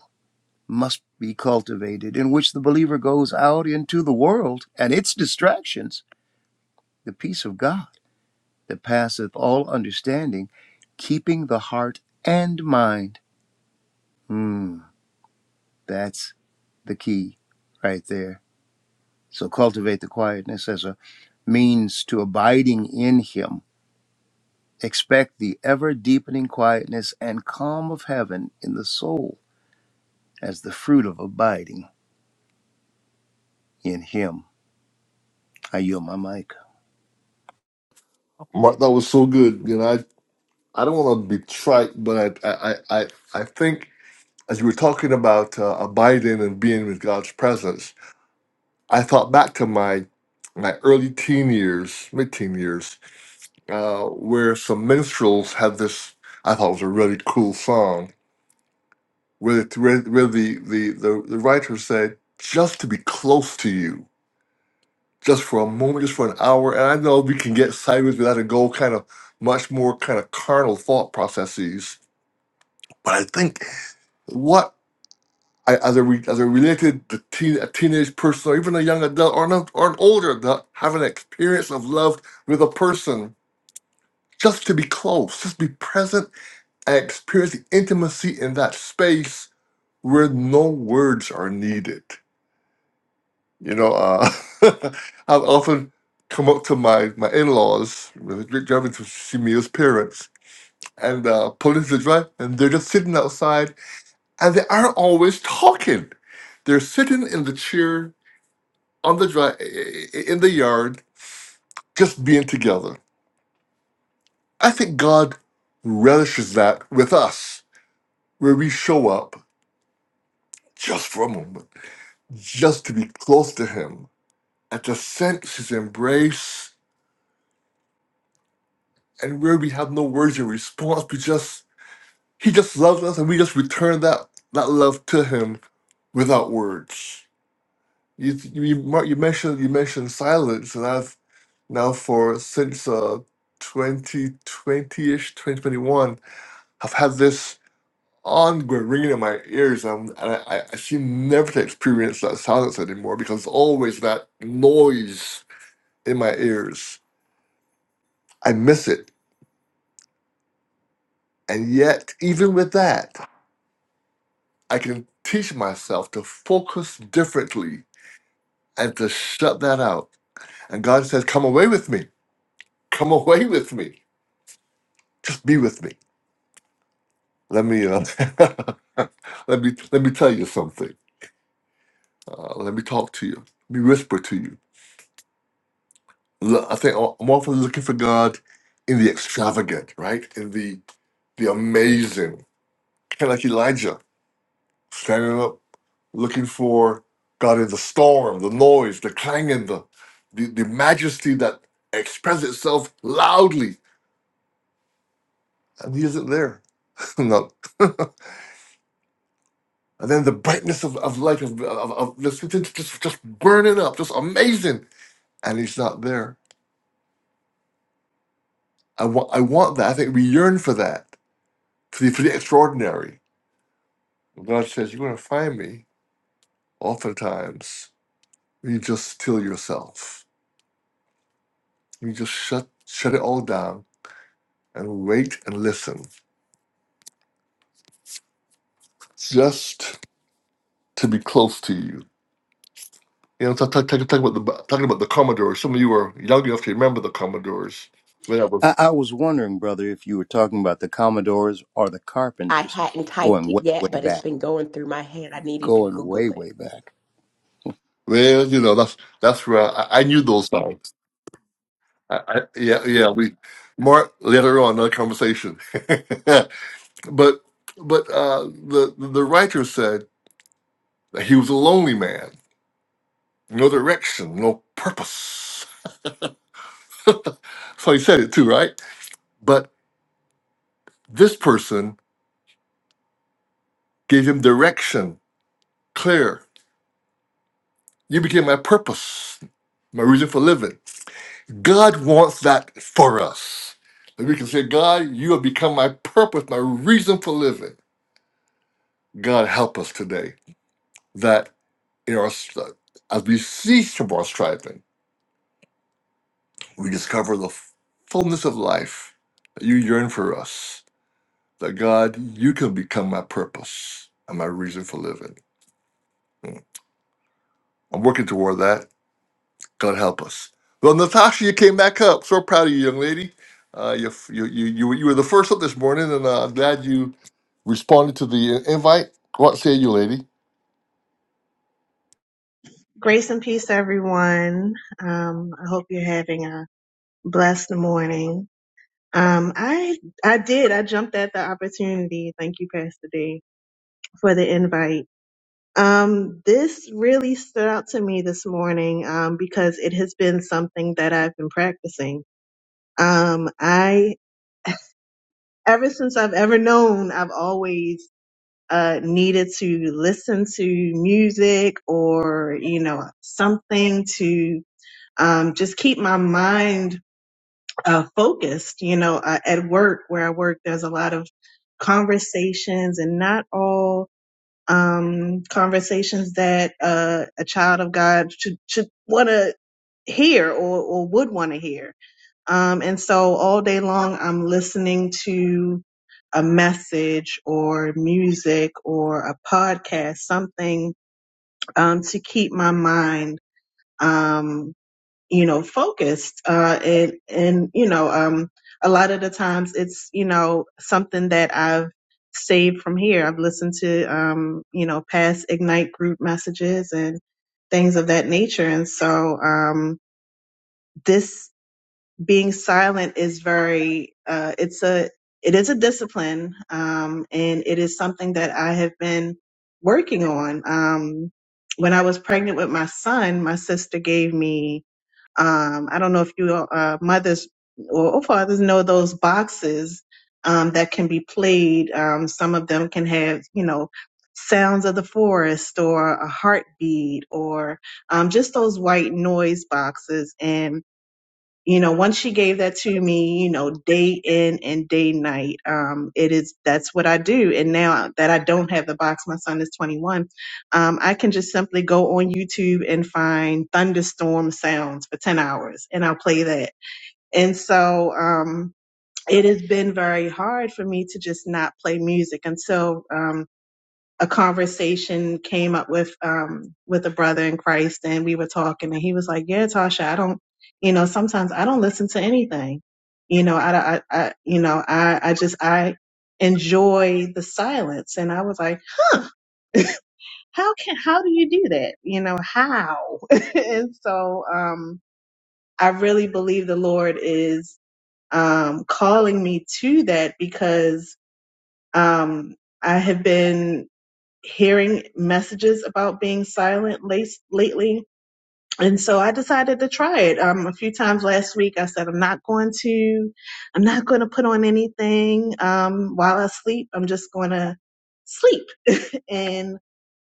B: must be cultivated, in which the believer goes out into the world and its distractions, the peace of God that passeth all understanding, keeping the heart and mind Mm, that's the key right there. So cultivate the quietness as a means to abiding in Him. Expect the ever deepening quietness and calm of heaven in the soul as the fruit of abiding in Him. I yield my mic.
A: Mark, that was so good. You know, I, I don't want to be trite, but I I, I, I I think as we were talking about uh, abiding and being with God's presence, I thought back to my my early teen years, mid teen years, uh, where some minstrels had this. I thought it was a really cool song, where the where, where the, the the the writer said, "Just to be close to you, just for a moment, just for an hour." And I know we can get sideways with that and go kind of much more kind of carnal thought processes, but I think what I- as a re, as a related to teen, a teenage person or even a young adult or an, or an older adult have an experience of love with a person just to be close just be present and experience the intimacy in that space where no words are needed you know uh, i've often come up to my my in-laws driving to see me as parents and uh, pull into the drive and they're just sitting outside and they aren't always talking they're sitting in the chair on the drive in the yard, just being together. I think God relishes that with us, where we show up just for a moment, just to be close to Him, and to sense His embrace, and where we have no words in response. We just He just loves us, and we just return that that love to Him without words. You you Mark, you mentioned you mentioned silence, and I've now for since uh 2020 ish 2021 I've had this ongoing ringing in my ears, and, and I, I seem never to experience that silence anymore because there's always that noise in my ears. I miss it. And yet, even with that, I can teach myself to focus differently and to shut that out. And God says, Come away with me. Come away with me. Just be with me. Let me uh, let me let me tell you something. Uh, let me talk to you. Let me whisper to you Look, I think I'm I'm often looking for God in the extravagant, right? In the the amazing, kind of like Elijah, standing up, looking for God in the storm, the noise, the clanging, the the, the majesty that expresses itself loudly, and He isn't there. no. and then the brightness of, of light of, of, of this just just just burning up, just amazing, and He's not there. I want I want that. I think we yearn for that, for the, for the extraordinary. Well, God says, You're going to find me oftentimes. when You just still yourself. You just shut, shut it all down and wait and listen just to be close to you. You know, talk, talk, talk, talk about the, talking about the Commodores. Some of you are young enough to remember the Commodores. When I
B: I,
A: was,
B: I was wondering, brother, if you were talking about the Commodores or the
D: I
B: Carpenters
D: hadn't typed
B: going
D: it
B: way, way
D: yet, but it's
B: back.
D: been going through my head. I needed to
B: Going
D: Google
B: way,
D: it.
B: way back.
A: well, you know, that's that's where I, I knew those songs. I, I, yeah, yeah. We more later on in the conversation, but but uh, the the writer said that he was a lonely man no direction, no purpose. so he said it too, right? But this person gave him direction, clear. You became my purpose, my reason for living. God wants that for us. That we can say, God, you have become my purpose, my reason for living. God, help us today that in our str- as we cease from our striving, we discover the fullness of life that you yearn for us That God, you can become my purpose and my reason for living. Mm. I'm working toward that. God help us. Well, Natasha, you came back up. So proud of you, young lady. Uh, you, you, you, you, were- you were the first up this morning, and uh, I'm glad you responded to the uh, invite. What say you, lady?
E: Grace and peace, everyone. Um, I hope you're having a blessed morning. Um, I I did. I jumped at the opportunity. Thank you, Pastor D, for the invite. Um, this really stood out to me this morning um, because it has been something that I've been practicing. Um, I ever since I've ever known, I've always uh, needed to listen to music or you know something to um, just keep my mind uh, focused. You know, uh, at work where I work, there's a lot of conversations, and not all um, conversations that uh, a child of God should should want to hear or, or would want to hear. Um, and so all day long, I'm listening to a message or music or a podcast, something um, to keep my mind. Um, you know, focused. Uh, and, and, you know, um, a lot of the times it's, you know, something that I've saved from here. I've listened to, um, you know, past Ignite group messages and things of that nature. And so, um, this being silent is very, uh, it's a, it is a discipline. Um, and it is something that I have been working on. Um, when I was pregnant with my son, my sister gave me um, I don't know if you uh, mothers or, or fathers know those boxes um, that can be played. Um, some of them can have, you know, sounds of the forest or a heartbeat or um, just those white noise boxes. And you know once she gave that to me you know day in and day night um it is that's what i do and now that i don't have the box my son is 21 um i can just simply go on youtube and find thunderstorm sounds for 10 hours and i'll play that and so um it has been very hard for me to just not play music until um, a conversation came up with um with a brother in Christ and we were talking and he was like, "Yeah, Tasha, I don't, you know, sometimes I don't listen to anything. You know, I I, I you know, I I just I enjoy the silence." And I was like, "How can how do you do that? You know, how?" and so um I really believe the Lord is um calling me to that because um I have been hearing messages about being silent late, lately. And so I decided to try it. Um, a few times last week, I said, I'm not going to, I'm not going to put on anything, um, while I sleep. I'm just going to sleep. And,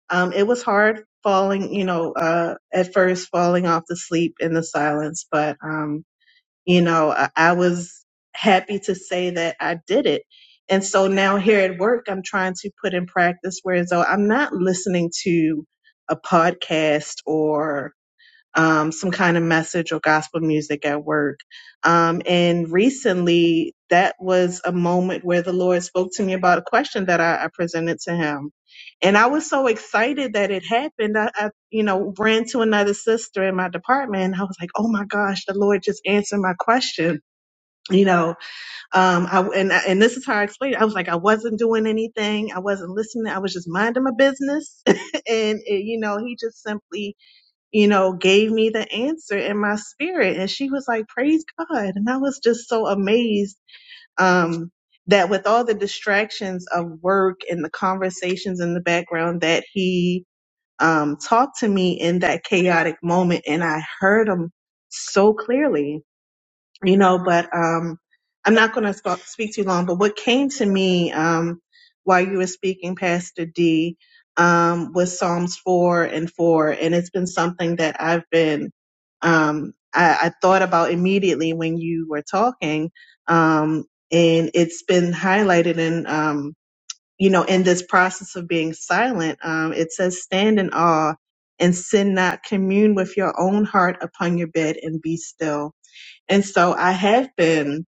E: um, it was hard falling, you know, uh, at first falling off to sleep in the silence, but, um, you know, I, I was happy to say that I did it. And so now here at work, I'm trying to put in practice whereas though I'm not listening to a podcast or um, some kind of message or gospel music at work. Um, and recently, that was a moment where the Lord spoke to me about a question that I, I presented to Him, and I was so excited that it happened. I, I, you know, ran to another sister in my department, and I was like, "Oh my gosh, the Lord just answered my question." You know, um, I, and and this is how I explained. It. I was like, I wasn't doing anything. I wasn't listening. I was just minding my business, and it, you know, He just simply you know, gave me the answer in my spirit. And she was like, praise God. And I was just so amazed um, that with all the distractions of work and the conversations in the background that he um, talked to me in that chaotic moment. And I heard him so clearly you know, but um, I'm not going to sp- speak too long. But what came to me um, while you were speaking, Pastor D, um, was Psalms 4 and 4. And it's been something that I've been, um, I, I thought about immediately when you were talking. Um, and it's been highlighted in, um, you know, in this process of being silent. Um, it says, stand in awe and sin not, commune with your own heart upon your bed and be still and so I have been,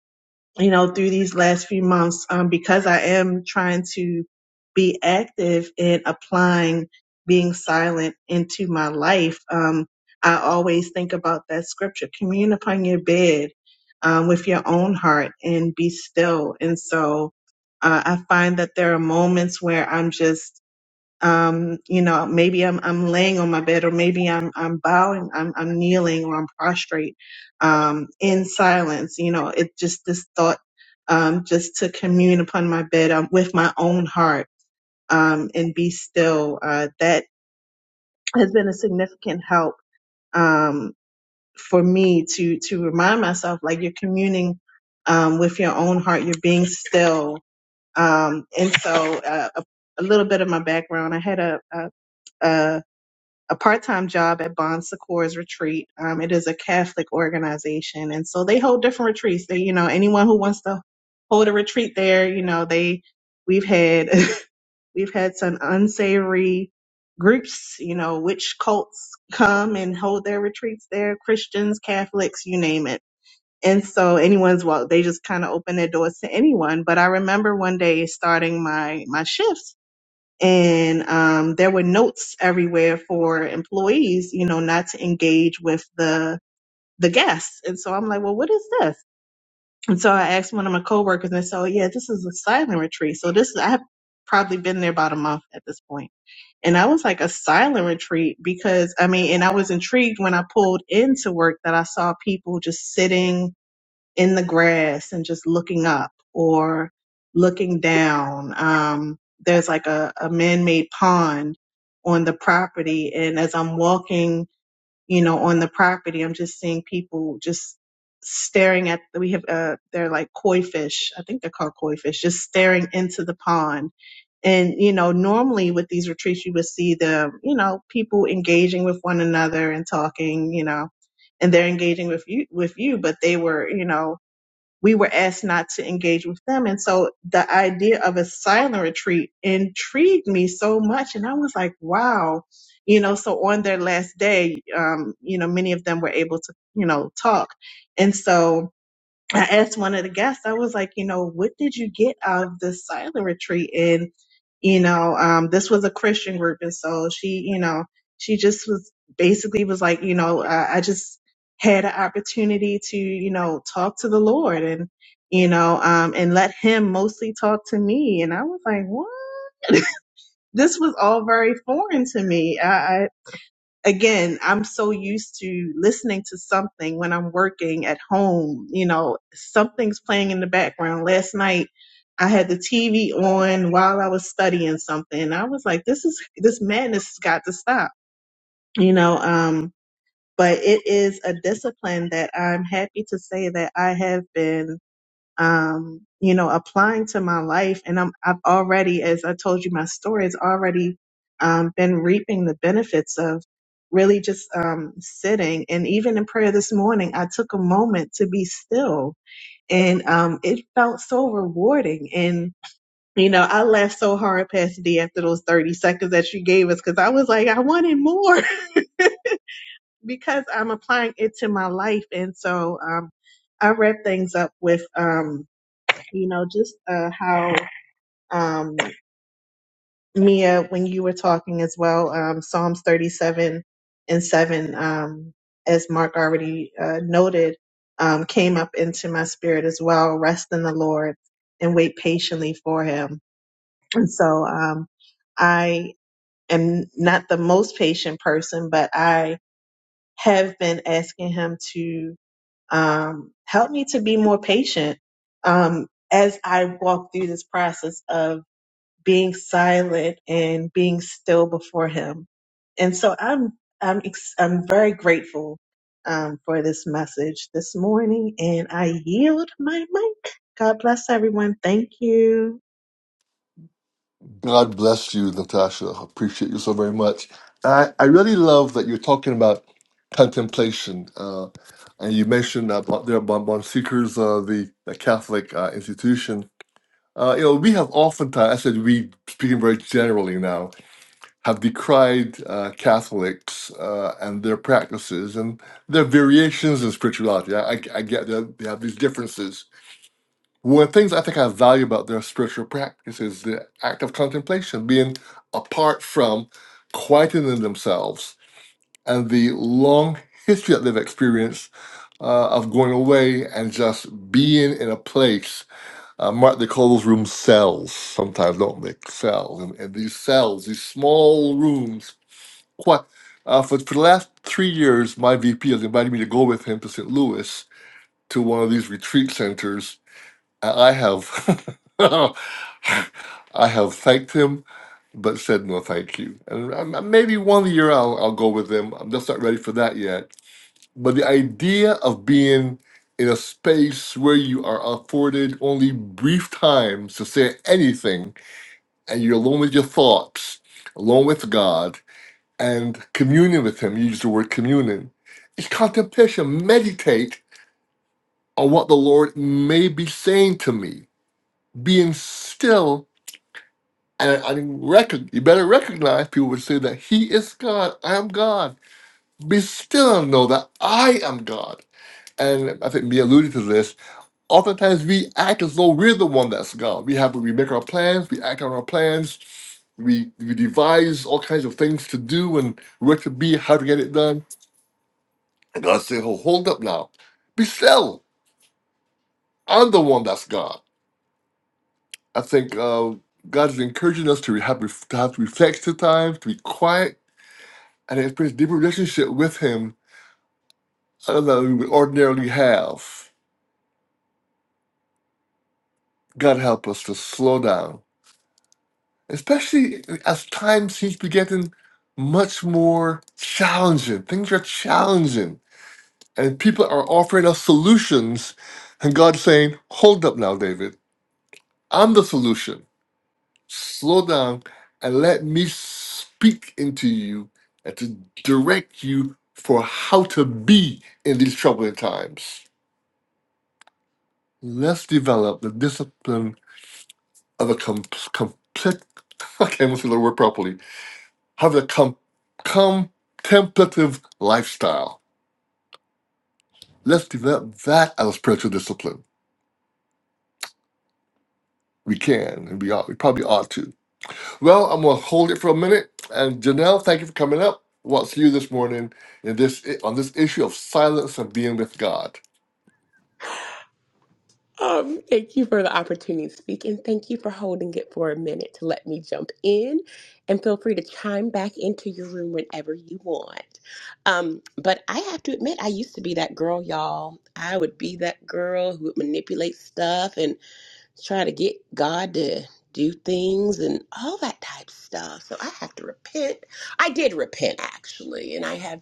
E: you know, through these last few months, um, because I am trying to be active in applying being silent into my life. Um, I always think about that scripture, commune upon your bed, um, with your own heart and be still. And so, uh, I find that there are moments where I'm just um, you know, maybe I'm I'm laying on my bed, or maybe I'm I'm bowing, I'm I'm kneeling, or I'm prostrate, um, in silence. You know, it just this thought, um, just to commune upon my bed um, with my own heart, um, and be still. Uh, that has been a significant help, um, for me to to remind myself, like you're communing, um, with your own heart, you're being still. Um, and so, uh, a, a little bit of my background, I had a, a a a part-time job at Bon Secours Retreat. Um, it is a Catholic organization, and so they hold different retreats. They, you know, anyone who wants to hold a retreat there, you know, they we've had we've had some unsavory groups, you know, witch cults come and hold their retreats there. Christians, Catholics, you name it. And so anyone's well, they just kind of open their doors to anyone. But I remember one day starting my my shifts and um, there were notes everywhere for employees, you know, not to engage with the the guests. And so I'm like, well, what is this? And so I asked one of my coworkers, and they said, oh yeah, this is a silent retreat. So this I have probably been there about a month at this point. And I was like a silent retreat because I mean, and I was intrigued when I pulled into work that I saw people just sitting in the grass and just looking up or looking down. Um, there's like a, a man made pond on the property. And as I'm walking, you know, on the property, I'm just seeing people just staring at, we have, uh, they're like koi fish. I think they're called koi fish, just staring into the pond. And, you know, normally with these retreats, you would see the, you know, people engaging with one another and talking, you know, and they're engaging with you, with you, but they were, you know, we were asked not to engage with them. And so the idea of a silent retreat intrigued me so much. And I was like, wow. You know, so on their last day, um, you know, many of them were able to, you know, talk. And so, I asked one of the guests, I was like, you know, what did you get out of this silent retreat? And, you know, um, this was a Christian group. And so she, you know, she just was basically was like, you know, I, I just had an opportunity to, you know, talk to the Lord and, you know, um, and let him mostly talk to me. And I was like, what? This was all very foreign to me. I, again, I'm so used to listening to something when I'm working at home. You know, something's playing in the background. Last night, I had the TV on while I was studying something. I was like, this is, this madness has got to stop, you know, um, but it is a discipline that I'm happy to say that I have been um, you know, applying to my life. And I'm, I've already, as I told you, my story has already um, been reaping the benefits of really just um, sitting. And even in prayer this morning, I took a moment to be still. And um, it felt so rewarding. And, you know, I laughed so hard, Pastor D, after those 30 seconds that you gave us, because I was like, I wanted more because I'm applying it to my life. And so um, I wrap things up with. Um, you know, just uh, how um, Mia, when you were talking as well, um, Psalms 37 and 7, um, as Mark already uh, noted, um, came up into my spirit as well. Rest in the Lord and wait patiently for Him. And so um, I am not the most patient person, but I have been asking Him to um, help me to be more patient. Um, as I walk through this process of being silent and being still before Him. And so I'm I'm ex- I'm very grateful um, for this message this morning, and I yield my mic. God bless everyone. Thank you.
A: God bless you, Natasha. I Appreciate you so very much. I, I really love that you're talking about contemplation. Uh, and you mentioned about there about Bon Seekers, uh, the, the Catholic uh, institution. Uh, you know, we have oftentimes, I said we, speaking very generally now, have decried uh, Catholics uh, and their practices and their variations in spirituality. I, I, I get that they have these differences. One of the things I think I value about their spiritual practice is the act of contemplation, being apart from quieting themselves and the long history that they've experienced uh, of going away and just being in a place um, right, they call those rooms cells sometimes, don't they? Cells. And, and these cells, these small rooms, quite, uh, for, for the last three years, my VP has invited me to go with him to St. Louis to one of these retreat centers. And I have, I have thanked him, but said no thank you. And um, maybe one year I'll, I'll go with him. I'm just not ready for that yet but the idea of being in a space where you are afforded only brief times to say anything and you're alone with your thoughts, alone with God, and communion with Him, you use the word communion, is contemplation. Meditate on what the Lord may be saying to me. Being still, and I reckon, you better recognize people would say that He is God, I am God. Be still and know that I am God. And I think we alluded to this Oftentimes we act as though we're the one that's God. We have we make our plans, we act on our plans, we we devise all kinds of things to do and where to be, how to get it done. And God said, "Oh, hold up now, be still. I'm the one that's God." I think uh, God is encouraging us to have to have reflective time, to be quiet, and experience deeper relationship with Him other than we would ordinarily have. God help us to slow down especially as time seems to be getting much more challenging. Things are challenging, and people are offering us solutions. And God's saying, Hold up now, David. I'm the solution. Slow down and let me speak into you and to direct you for how to be in these troubling times. Let's develop the discipline of a com- complete. I can't even say the word properly have a com- contemplative lifestyle. Let's develop that as a spiritual discipline. We can, and we ought, we probably ought to. Well, I'm gonna hold it for a minute. And Janelle, thank you for coming up. We'll see you this morning in this on this issue of silence and being with God.
D: Um, thank you for the opportunity to speak, and thank you for holding it for a minute to let me jump in. And feel free to chime back into your room whenever you want. Um, but I have to admit, I used to be that girl, y'all. I would be that girl who would manipulate stuff and try to get God to do things and all that type of stuff. So I have to repent. I did repent actually, and I have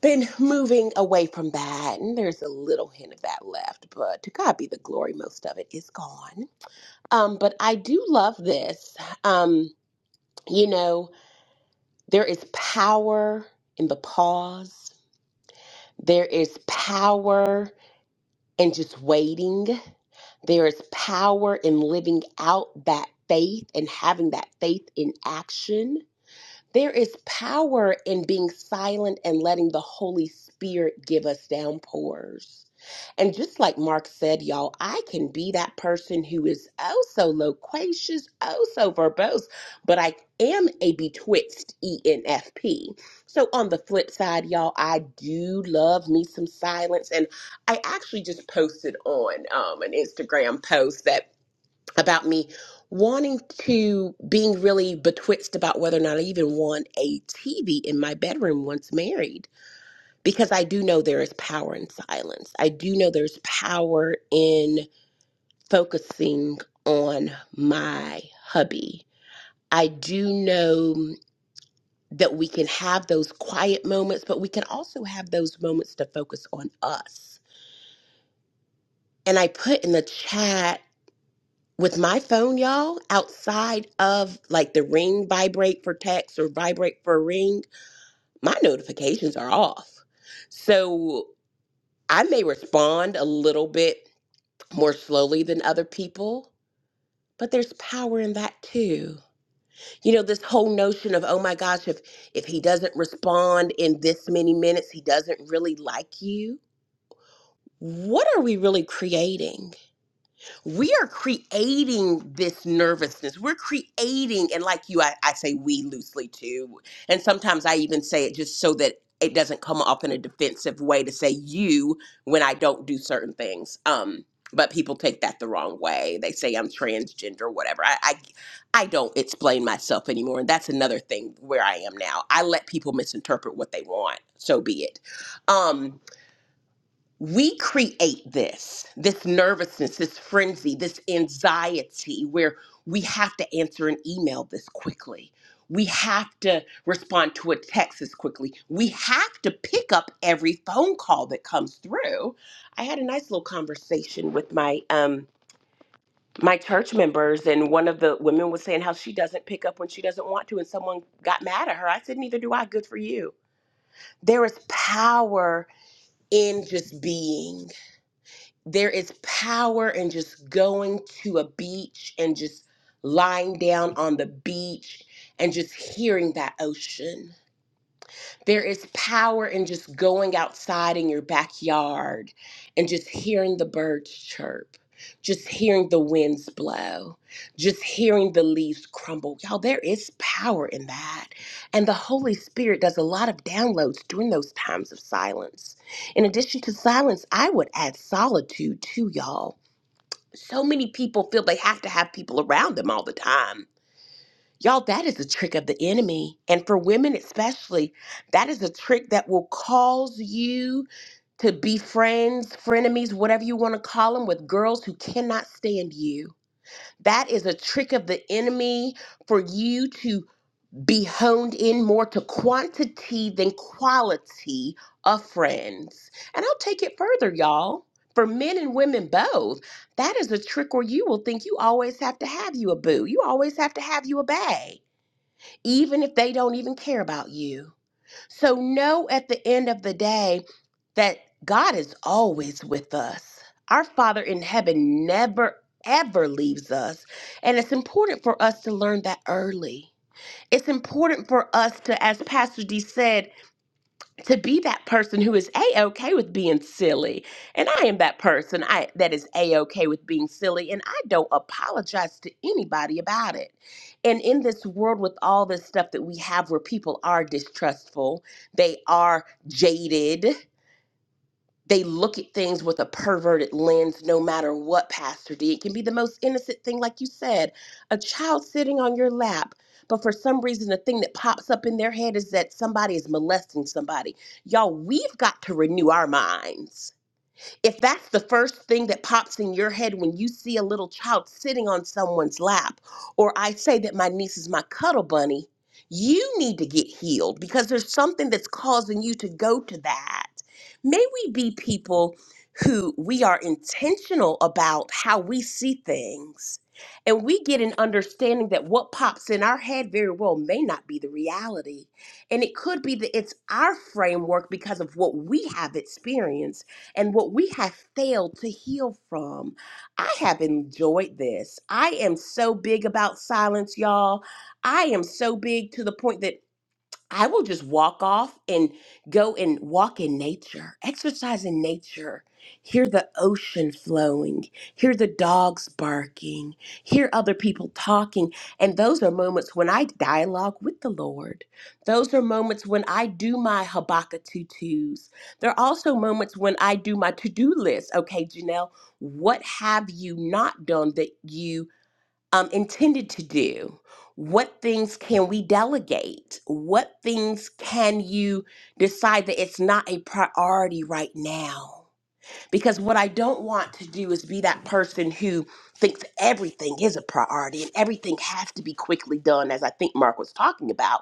D: been moving away from that, and there's a little hint of that left, but to God be the glory, most of it is gone. Um, but I do love this. Um, you know, there is power in the pause, there is power in just waiting, there is power in living out that faith and having that faith in action. There is power in being silent and letting the Holy Spirit give us downpours. And just like Mark said, y'all, I can be that person who is oh so loquacious, oh so verbose, but I am a betwixt ENFP. So on the flip side, y'all, I do love me some silence. And I actually just posted on um, an Instagram post that about me wanting to being really betwixt about whether or not I even want a TV in my bedroom once married because I do know there is power in silence. I do know there's power in focusing on my hubby. I do know that we can have those quiet moments, but we can also have those moments to focus on us. And I put in the chat with my phone, y'all, outside of like the ring vibrate for text or vibrate for ring, my notifications are off. So I may respond a little bit more slowly than other people, but there's power in that too. You know, this whole notion of, oh my gosh, if if he doesn't respond in this many minutes, he doesn't really like you. What are we really creating? we are creating this nervousness. We're creating, and like you, I, I say we loosely too. And sometimes I even say it just so that it doesn't come off in a defensive way to say you when I don't do certain things. Um, but people take that the wrong way. They say I'm transgender, whatever. I, I, I don't explain myself anymore, and that's another thing where I am now. I let people misinterpret what they want. So be it. Um, we create this this nervousness this frenzy this anxiety where we have to answer an email this quickly we have to respond to a text as quickly we have to pick up every phone call that comes through i had a nice little conversation with my um my church members and one of the women was saying how she doesn't pick up when she doesn't want to and someone got mad at her i said neither do i good for you there is power in just being there is power in just going to a beach and just lying down on the beach and just hearing that ocean there is power in just going outside in your backyard and just hearing the birds chirp, just hearing the winds blow, just hearing the leaves crumble. Y'all, there is power in that. And the Holy Spirit does a lot of downloads during those times of silence. In addition to silence, I would add solitude too, y'all. So many people feel they have to have people around them all the time. Y'all, that is a trick of the enemy. And for women especially, that is a trick that will cause you to be friends, frenemies, whatever you want to call them, with girls who cannot stand you. That is a trick of the enemy for you to be honed in more to quantity than quality of friends. And I'll take it further, y'all. For men and women both, that is a trick where you will think you always have to have you a boo. You always have to have you a bae even if they don't even care about you. So know at the end of the day that God is always with us. Our Father in heaven never, ever leaves us. And it's important for us to learn that early. It's important for us to, as Pastor D said, to be that person who is a okay with being silly and i am that person i that is a okay with being silly and i don't apologize to anybody about it and in this world with all this stuff that we have where people are distrustful they are jaded they look at things with a perverted lens no matter what pastor d it can be the most innocent thing like you said a child sitting on your lap but for some reason the thing that pops up in their head is that somebody is molesting somebody y'all we've got to renew our minds if that's the first thing that pops in your head when you see a little child sitting on someone's lap, or I say that my niece is my cuddle bunny, you need to get healed because there's something that's causing you to go to that. May we be people who we are intentional about how we see things and we get an understanding that what pops in our head very well may not be the reality. And it could be that it's our framework because of what we have experienced and what we have failed to heal from. I have enjoyed this. I am so big about silence, y'all. I am so big to the point that I will just walk off and go and walk in nature, exercise in nature, hear the ocean flowing, hear the dogs barking, hear other people talking. And those are moments when I dialogue with the Lord. Those are moments when I do my Habakkuk tutus. There are also moments when I do my to do list. Okay, Janelle, what have you not done that you? um, intended to do. What things can we delegate? What things can you decide that it's not a priority right now? Because what I don't want to do is be that person who thinks everything is a priority and everything has to be quickly done, as I think Mark was talking about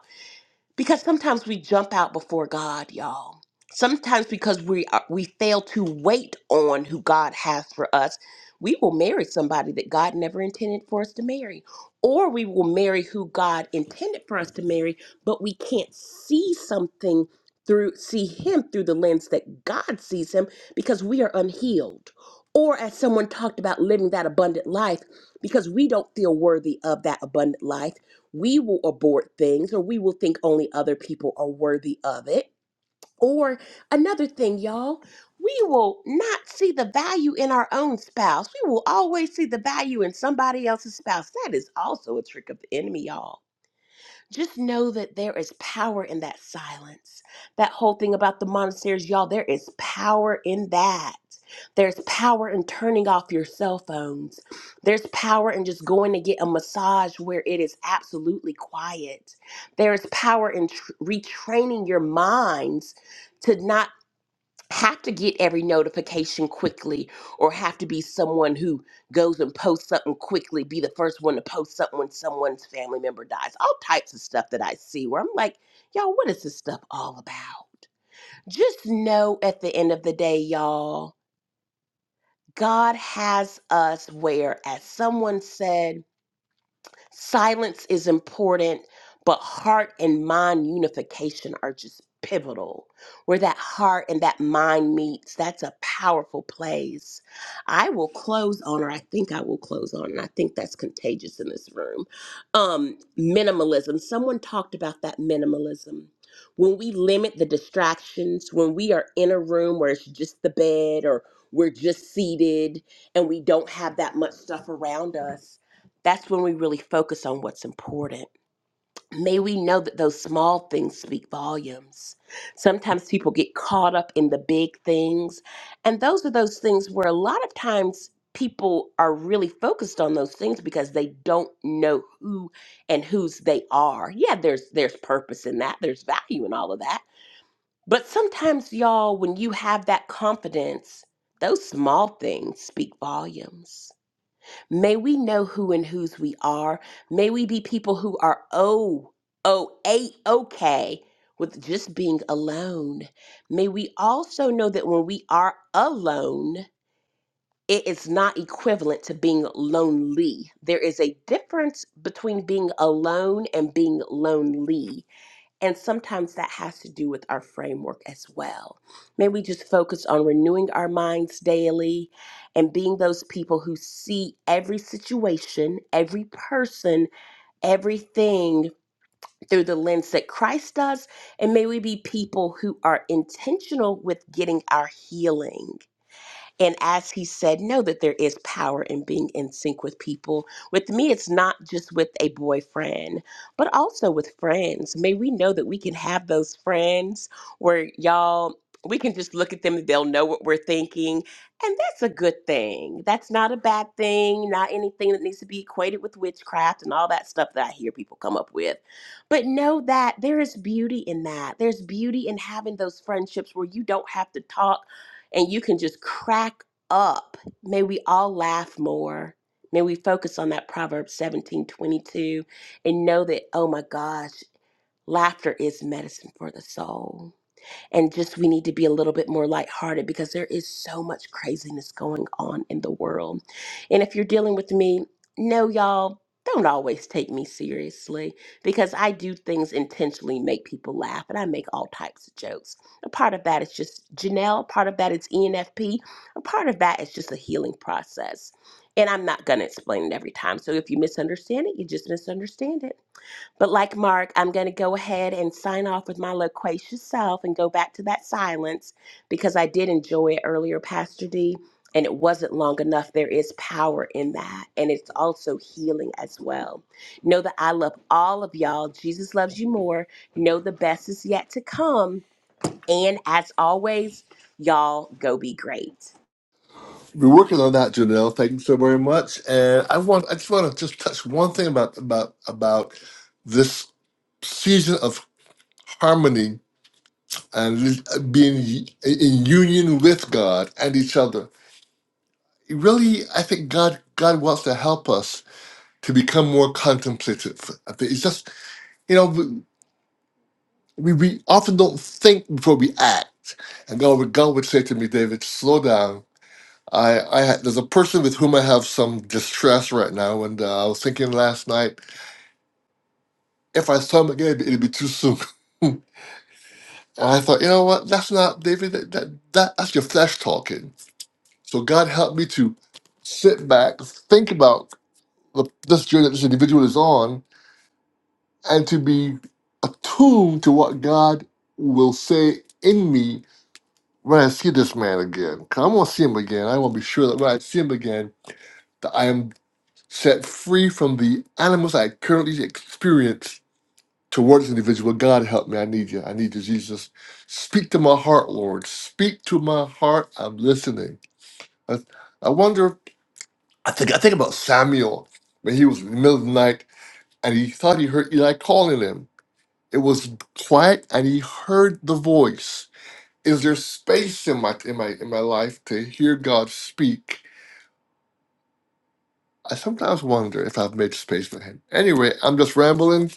D: because sometimes we jump out before God, y'all. Sometimes because we are, we fail to wait on who God has for us, we will marry somebody that God never intended for us to marry, or we will marry who God intended for us to marry, but we can't see something through see him through the lens that God sees him because we are unhealed. Or as someone talked about living that abundant life because we don't feel worthy of that abundant life we will abort things or we will think only other people are worthy of it. Or another thing, y'all, we will not see the value in our own spouse. We will always see the value in somebody else's spouse. That is also a trick of the enemy, y'all just know that there is power in that silence. That whole thing about the monasteries, y'all, there is power in that. There's power in turning off your cell phones. There's power in just going to get a massage where it is absolutely quiet. There is power in tr- retraining your minds to not have to get every notification quickly or have to be someone who goes and posts something quickly, be the first one to post something when someone's family member dies. All types of stuff that I see where I'm like, y'all, what is this stuff all about? Just know at the end of the day, y'all, God has us where, as someone said, Silence is important, but heart and mind unification are just pivotal. Where that heart and that mind meets, that's a powerful place. I will close on, or I think I will close on, and I think that's contagious in this room. Um, minimalism. Someone talked about that minimalism. When we limit the distractions, when we are in a room where it's just the bed or we're just seated and we don't have that much stuff around us, that's when we really focus on what's important. May we know that those small things speak volumes. Sometimes people get caught up in the big things, and those are those things where a lot of times people are really focused on those things because they don't know who and whose they are. Yeah, there's there's purpose in that. There's value in all of that. But sometimes y'all when you have that confidence, those small things speak volumes May we know who and whose we are. May we be people who are oh, oh, a okay with just being alone. May we also know that when we are alone, it is not equivalent to being lonely. There is a difference between being alone and being lonely. And sometimes that has to do with our framework as well. May we just focus on renewing our minds daily and being those people who see every situation, every person, everything through the lens that Christ does. And may we be people who are intentional with getting our healing and as he said, know that there is power in being in sync with people. With me, it's not just with a boyfriend, but also with friends. May we know that we can have those friends where y'all, we can just look at them and they'll know what we're thinking. And that's a good thing. That's not a bad thing, not anything that needs to be equated with witchcraft and all that stuff that I hear people come up with. But know that there is beauty in that. There's beauty in having those friendships where you don't have to talk and you can just crack up. May we all laugh more. May we focus on that Proverbs 17 22, and know that, oh my gosh, laughter is medicine for the soul and just we need to be a little bit more lighthearted because there is so much craziness going on in the world. And if you're dealing with me, no, y'all, don't always take me seriously because I do things intentionally make people laugh and I make all types of jokes. A part of that is just Janelle, a part of that is ENFP, a part of that is just a healing process. And I'm not going to explain it every time. So if you misunderstand it, you just misunderstand it. But like Mark, I'm going to go ahead and sign off with my loquacious self and go back to that silence because I did enjoy it earlier, Pastor D, and it wasn't long enough. There is power in that, and it's also healing as well. Know that I love all of y'all. Jesus loves you more. Know the best is yet to come. And as always, y'all go be great.
A: We're working on that, Janelle. Thank you so very much. And I want I just want to just touch one thing about about about this season of harmony and being in union with God and each other really, I think God God wants to help us to become more contemplative. I think It's just you know we we we often don't think before we act, and God would God would say to me, David, slow down. I I ha- there's a person with whom I have some distress right now, and uh, I was thinking last night if I saw him again, it'd, it'd be too soon. and I thought, you know what? That's not David. That, that that that's your flesh talking. So God helped me to sit back, think about the, this journey that this individual is on, and to be attuned to what God will say in me when I see this man again. Cause I'm gonna see him again. I want to be sure that when I see him again, that I am set free from the animals I currently experience towards this individual. God help me. I need you. I need you, Jesus. Speak to my heart, Lord. Speak to my heart. I'm listening. I, I wonder. I think. I think about Samuel when he was in the middle of the night and he thought he heard Eli calling him. It was quiet, and he heard the voice. Is there space in my in my in my life to hear God speak? I sometimes wonder if I've made space for Him. Anyway, I'm just rambling.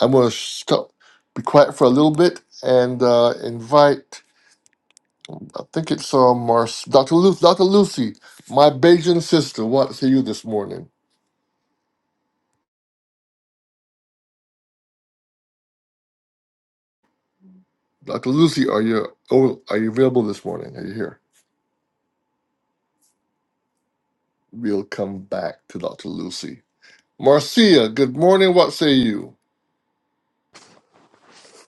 A: I'm going to stop, be quiet for a little bit, and uh, invite. I think it's uh, Mars, Dr. Lu- Dr. Lucy, my Bajan sister. Want to see you this morning, Dr. Lucy? Are you oh, are you available this morning? Are you here? We'll come back to Dr. Lucy. Marcia, good morning. What say you?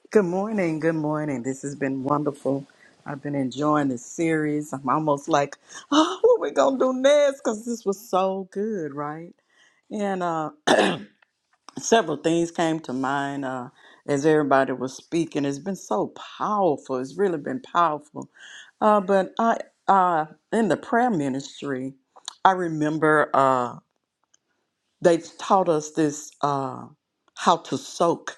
F: Good morning. Good morning. This has been wonderful. I've been enjoying this series. I'm almost like, oh, what we gonna do next? Because this was so good, right? And uh, several things came to mind uh, as everybody was speaking. It's been so powerful. It's really been powerful. Uh, but I, uh, in the prayer ministry, I remember uh, they taught us this uh, how to soak.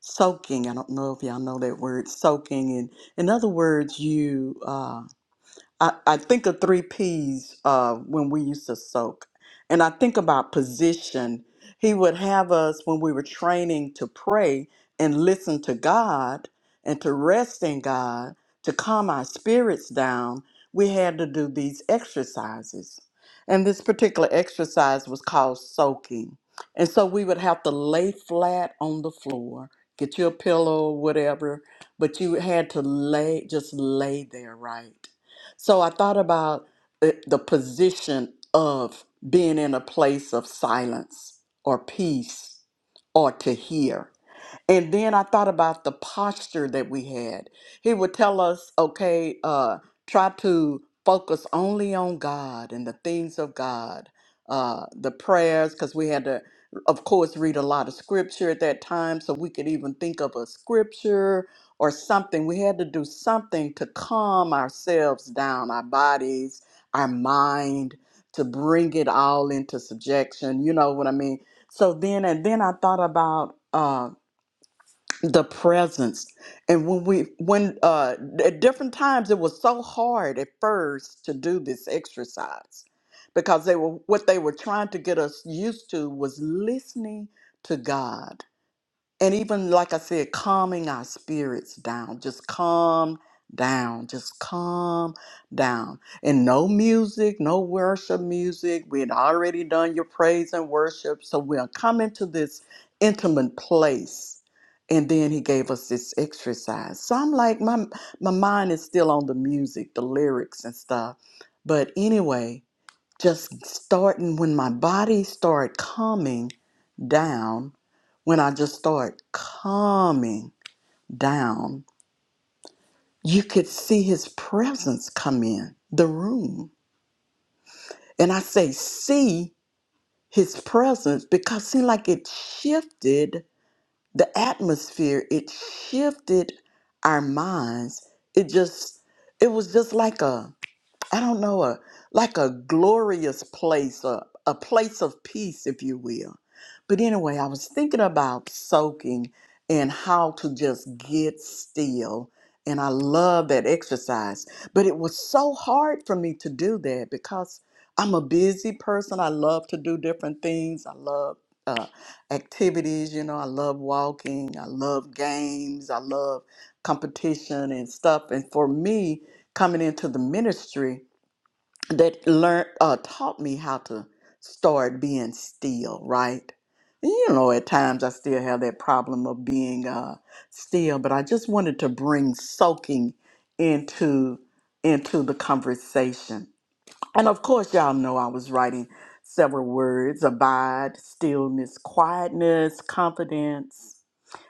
F: soaking. I don't know if y'all know that word, soaking. And in other words, you. Uh, I, I think of three P's uh, when we used to soak. And I think about position. He would have us when we were training to pray and listen to God and to rest in God, to calm our spirits down. We had to do these exercises. And this particular exercise was called soaking. And so we would have to lay flat on the floor, get you a pillow or whatever, but you had to lay, just lay there, right? So I thought about the the position of being in a place of silence or peace or to hear. And then I thought about the posture that we had. He would tell us, okay, uh, try to focus only on God and the things of God, uh, the prayers, because we had to, of course, read a lot of scripture at that time, so we could even think of a scripture or something. We had to do something to calm ourselves down, our bodies, our mind, to bring it all into subjection. You know what I mean? So then, and then I thought about. um, the presence and when we when uh at different times it was so hard at first to do this exercise because they were what they were trying to get us used to was listening to god and even like I said, calming our spirits down. Just calm down. Just calm down. And no music, no worship music. We had already done your praise and worship. So we'll come into this intimate place. And then he gave us this exercise. So I'm like, my my mind is still on the music, the lyrics and stuff. But anyway, just starting when my body started calming down, when I just start calming down, you could see his presence come in the room. And I say, see his presence because see like it shifted the atmosphere, it shifted our minds. It just, it was just like a, I don't know, a, like a glorious place, a, a place of peace, if you will. But anyway, I was thinking about soaking and how to just get still. And I love that exercise. But it was so hard for me to do that because I'm a busy person. I love to do different things. I love uh, activities, you know, I love walking, I love games, I love competition and stuff. And for me, coming into the ministry, that learned uh, taught me how to start being still right And you know at times i still have that problem of being uh, still but i just wanted to bring soaking into into the conversation and of course y'all know i was writing several words abide stillness quietness confidence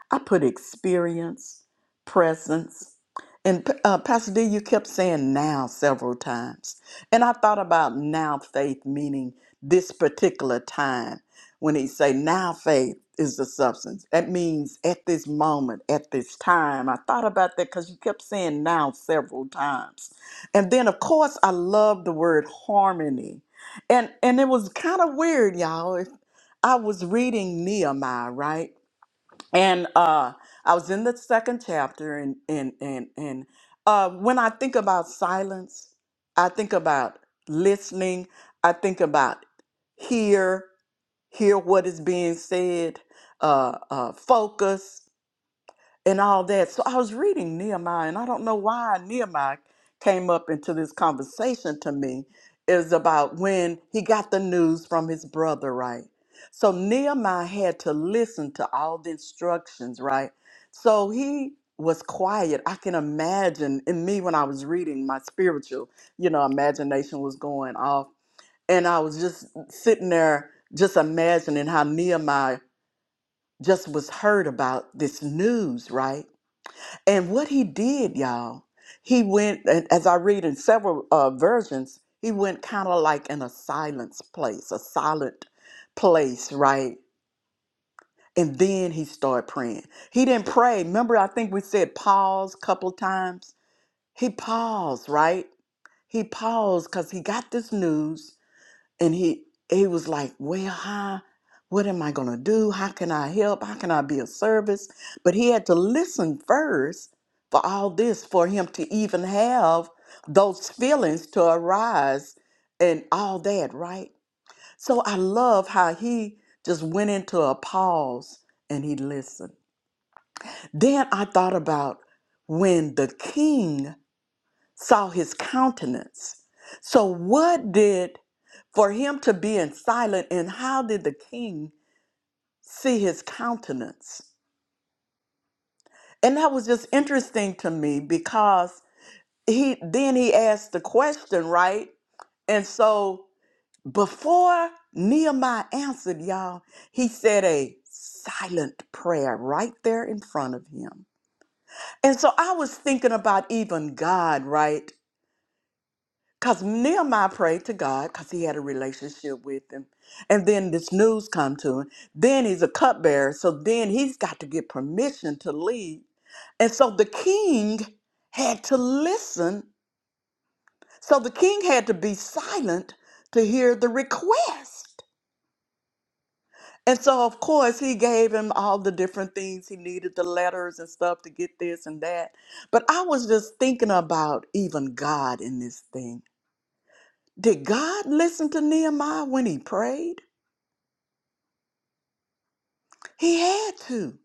F: I put experience, presence, and uh, Pastor D, you kept saying now several times. And I thought about now faith, meaning this particular time. When he say now faith is the substance, that means at this moment, at this time. I thought about that because you kept saying now several times. And then, of course, I love the word harmony. And, and it was kind of weird, y'all. If I was reading Nehemiah, right? and uh i was in the second chapter and and and and uh when i think about silence i think about listening i think about hear hear what is being said uh uh focus and all that. So I was reading Nehemiah, and I don't know why Nehemiah came up into this conversation to me is about when he got the news from his brother, right? So Nehemiah had to listen to all the instructions, right? So he was quiet. I can imagine in me when I was reading my spiritual, you know, imagination was going off. And I was just sitting there, just imagining how Nehemiah just was heard about this news, right? And what he did, y'all, he went, and as I read in several uh, versions, he went kind of like in a silence place, a silent place, right? And then he started praying. He didn't pray. Remember, I think we said pause a couple times. He paused, right? He paused because he got this news and he he was like, "Well, hi, what am I gonna do? How can I help? How can I be of service?" But he had to listen first for all this for him to even have those feelings to arise and all that, right? So I love how he just went into a pause and he listened. Then I thought about when the king saw his countenance. So what did for him to be in silent and how did the king see his countenance and that was just interesting to me because he then he asked the question right and so before nehemiah answered y'all he said a silent prayer right there in front of him and so i was thinking about even god right Because Nehemiah prayed to God because he had a relationship with him. And then this news come to him. Then he's a cupbearer. So then he's got to get permission to leave. And so the king had to listen. So the king had to be silent to hear the request. And so, of course, he gave him all the different things he needed the letters and stuff to get this and that. But I was just thinking about even God in this thing Did God listen to Nehemiah when he prayed? He had to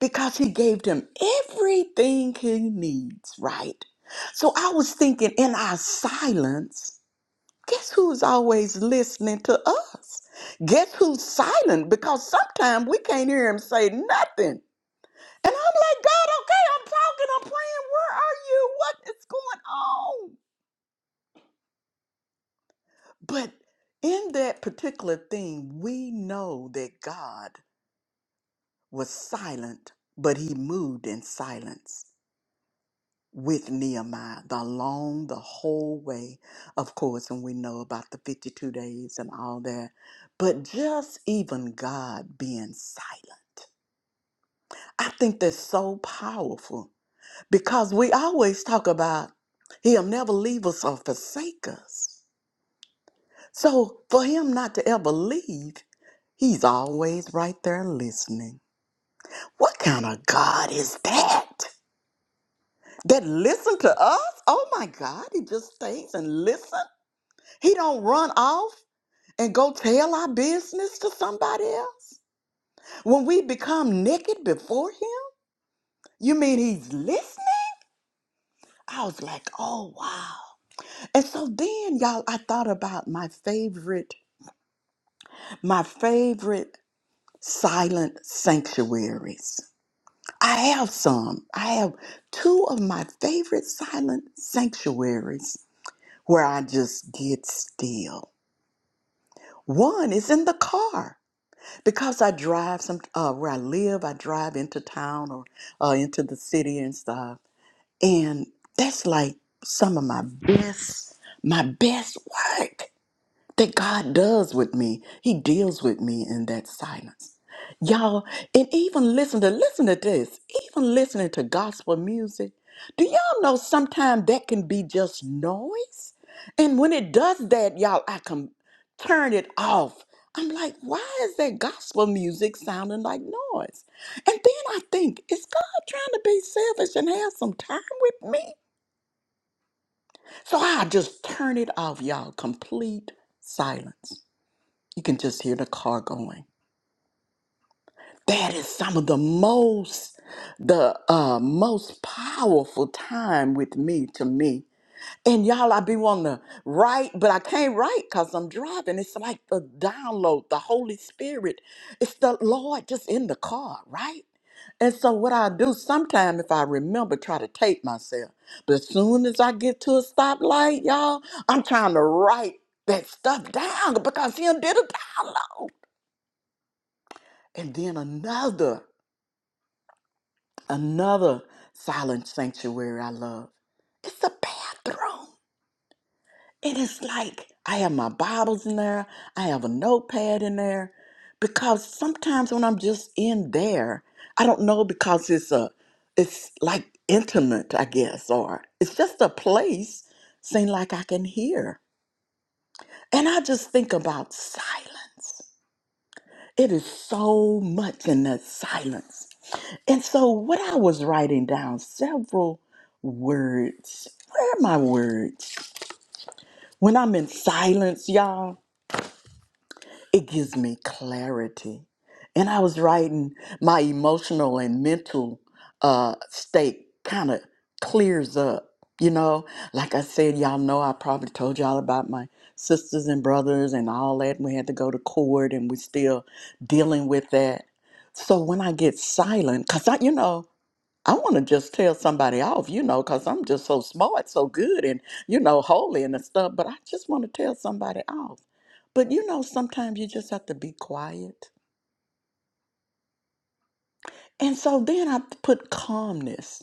F: because he gave them everything he needs, right? So I was thinking in our silence, guess who's always listening to us? Guess who's silent? Because sometimes we can't hear him say nothing. And I'm like, God, okay, I'm talking, I'm praying. Where are you? What is going on? But in that particular thing, we know that God was silent, but he moved in silence with Nehemiah the- long, the whole way. Of course, and we know about the 52 days and all that, but just even God being silent. I think that's so powerful because we always talk about He'll never leave us or forsake us. So for Him not to ever leave, He's always right there listening. What kind of God is that? that listen to us. Oh my God, he just stays and listen. He don't run off and go tell our business to somebody else. When we become naked before him, you mean he's listening? I was like, oh wow. And so then y'all, I thought about my favorite, my favorite silent sanctuaries. I have some. I have two of my favorite silent sanctuaries where I just get still. One is in the car because I drive some uh, where I live. I drive into town or uh, into the city and stuff, and that's like some of my best, my best work that God does with me. He deals with me in that silence. Y'all, and even listen to listen to this. Even listening to gospel music, do y'all know sometimes that can be just noise? And when it does that, y'all, I can turn it off. I'm like, why is that gospel music sounding like noise? And then I think, is God trying to be selfish and have some time with me? So I just turn it off, y'all. Complete silence. You can just hear the car going. That is some of the most the uh most powerful time with me to me. And y'all I be wanting to write, but I can't write because I'm driving. It's like the download, the Holy Spirit. It's the Lord just in the car, right? And so what I do sometime if I remember, try to tape myself. But as soon as I get to a stoplight, y'all, I'm trying to write that stuff down because he done did a download. And then another, another silent sanctuary I love. It's a bathroom. And it's like I have my Bibles in there, I have a notepad in there. Because sometimes when I'm just in there, I don't know because it's a it's like intimate, I guess, or it's just a place seem like I can hear. And I just think about silence. It is so much in that silence. And so, what I was writing down several words. Where are my words? When I'm in silence, y'all, it gives me clarity. And I was writing my emotional and mental uh, state kind of clears up. You know, like I said, y'all know I probably told y'all about my sisters and brothers and all that. We had to go to court and we are still dealing with that. So when I get silent, because I, you know, I want to just tell somebody off, you know, because I'm just so smart, so good, and, you know, holy and stuff, but I just want to tell somebody off. But, you know, sometimes you just have to be quiet. And so then I put calmness.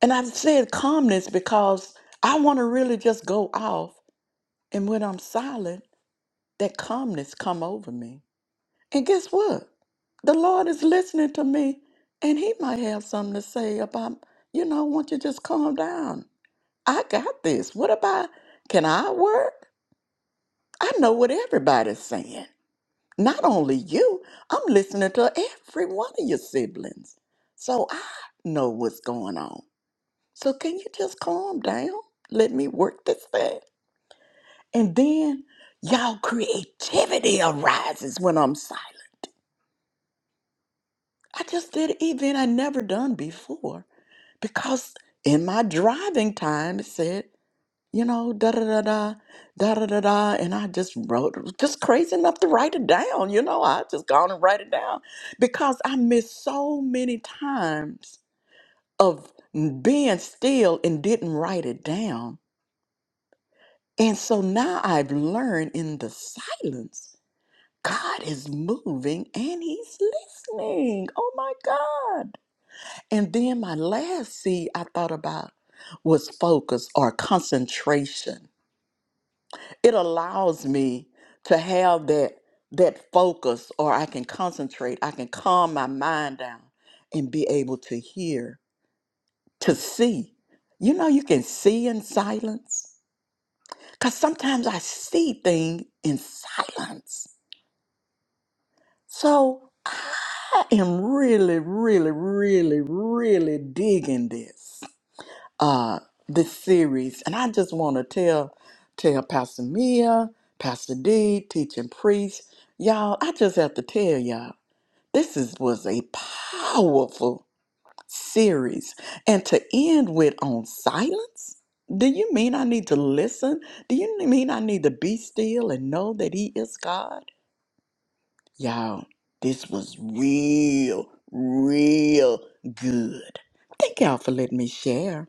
F: And I've said calmness because I want to really just go off. And when I'm silent, that calmness come over me. And guess what? The Lord is listening to me, and He might have something to say about, you know, won't you just calm down? I got this. What about can I work? I know what everybody's saying. Not only you, I'm listening to every one of your siblings. So I know what's going on. So can you just calm down? Let me work this thing. And then y'all creativity arises when I'm psyched. I just did an event I never done before because in my driving time it said you know, da da da da, da da da da. And I just wrote, just crazy enough to write it down, you know. I just gone and write it down because I missed so many times of being still and didn't write it down. And so now I've learned in the silence, God is moving and He's listening. Oh my God. And then my last C I thought about was focus or concentration it allows me to have that that focus or i can concentrate i can calm my mind down and be able to hear to see you know you can see in silence because sometimes i see things in silence so i am really really really really digging this uh, this series, and I just want to tell tell Pastor Mia, Pastor D, teaching priest, y'all. I just have to tell y'all this is was a powerful series, and to end with on silence. Do you mean I need to listen? Do you mean I need to be still and know that He is God? Y'all, this was real, real good. Thank y'all for letting me share.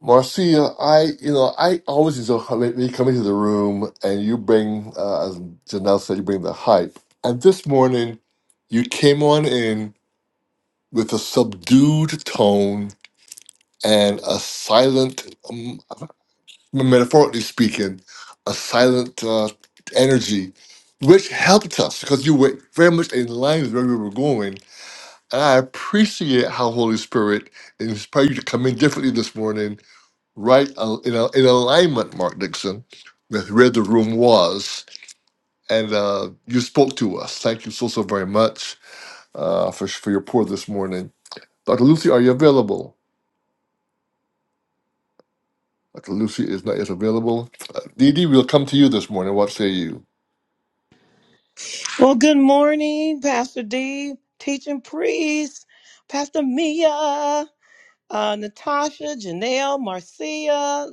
A: Marcia, I you know I always enjoy how- when you come into the room and you bring, uh, as Janelle said, you bring the hype. And this morning, you came on in with a subdued tone and a silent, um, metaphorically speaking, a silent uh, energy, which helped us because you were very much in line with where we were going. And I appreciate how Holy Spirit inspired you to come in differently this morning right uh, in, a, in alignment, Mark Dixon, with where the room was. And uh, you spoke to us. Thank you so, so very much uh, for, for your pour this morning. Dr. Lucy, are you available? Dr. Lucy is not yet available. Uh, Dee Dee, we'll come to you this morning. What say you?
G: Well, good morning, Pastor D, teaching priest, Pastor Mia uh, Natasha, Janelle, Marcia,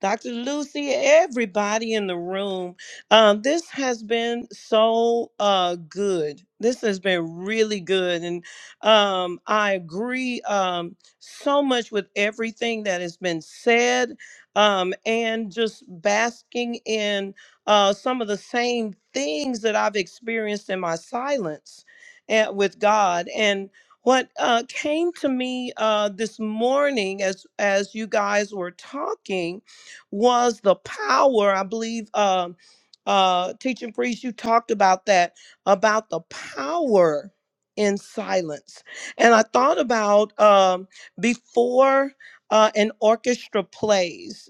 G: Dr. Lucy, everybody in the room. Um, this has been so uh, good. This has been really good. And um, I agree um, so much with everything that has been said um, and just basking in uh, some of the same things that I've experienced in my silence eh, with God. What uh, came to me uh, this morning, as as you guys were talking, was the power. I believe, um uh, teaching priest, you talked about that about the power in silence, and I thought about um, before uh, an orchestra plays.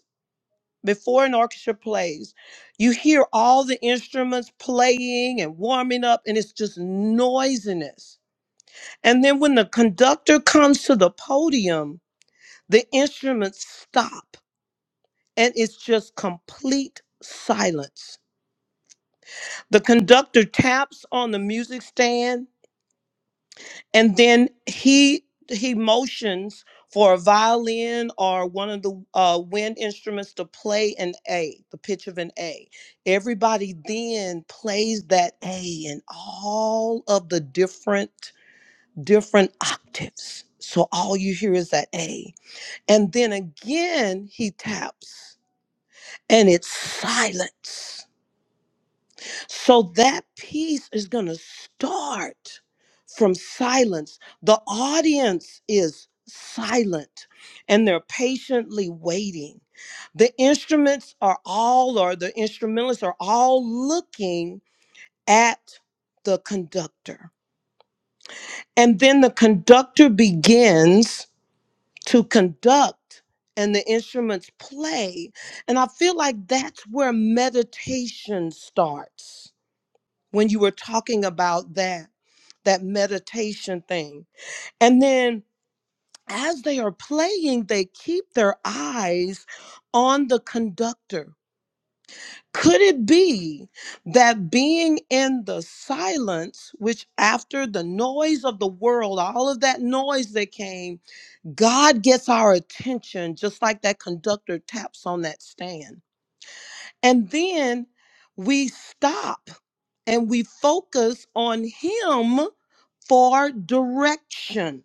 G: Before an orchestra plays, you hear all the instruments playing and warming up, and it's just noisiness and then when the conductor comes to the podium, the instruments stop and it's just complete silence. The conductor taps on the music stand and then he he motions for a violin or one of the uh, wind instruments to play an A, the pitch of an A. Everybody then plays that A in all of the different different octaves. So all you hear is that A And then again, he taps and it's silence. So that piece is going to start from silence. The audience is silent and they're patiently waiting. The instruments are all, or the instrumentalists are all looking at the conductor. And then the conductor begins to conduct and the instruments play. And I feel like that's where meditation starts when you were talking about that, that meditation thing. And then as they are playing, they keep their eyes on the conductor. Could it be that being in the silence, which after the noise of the world, all of that noise that came, God gets our attention just like that conductor taps on that stand. And then we stop and we focus on Him for direction.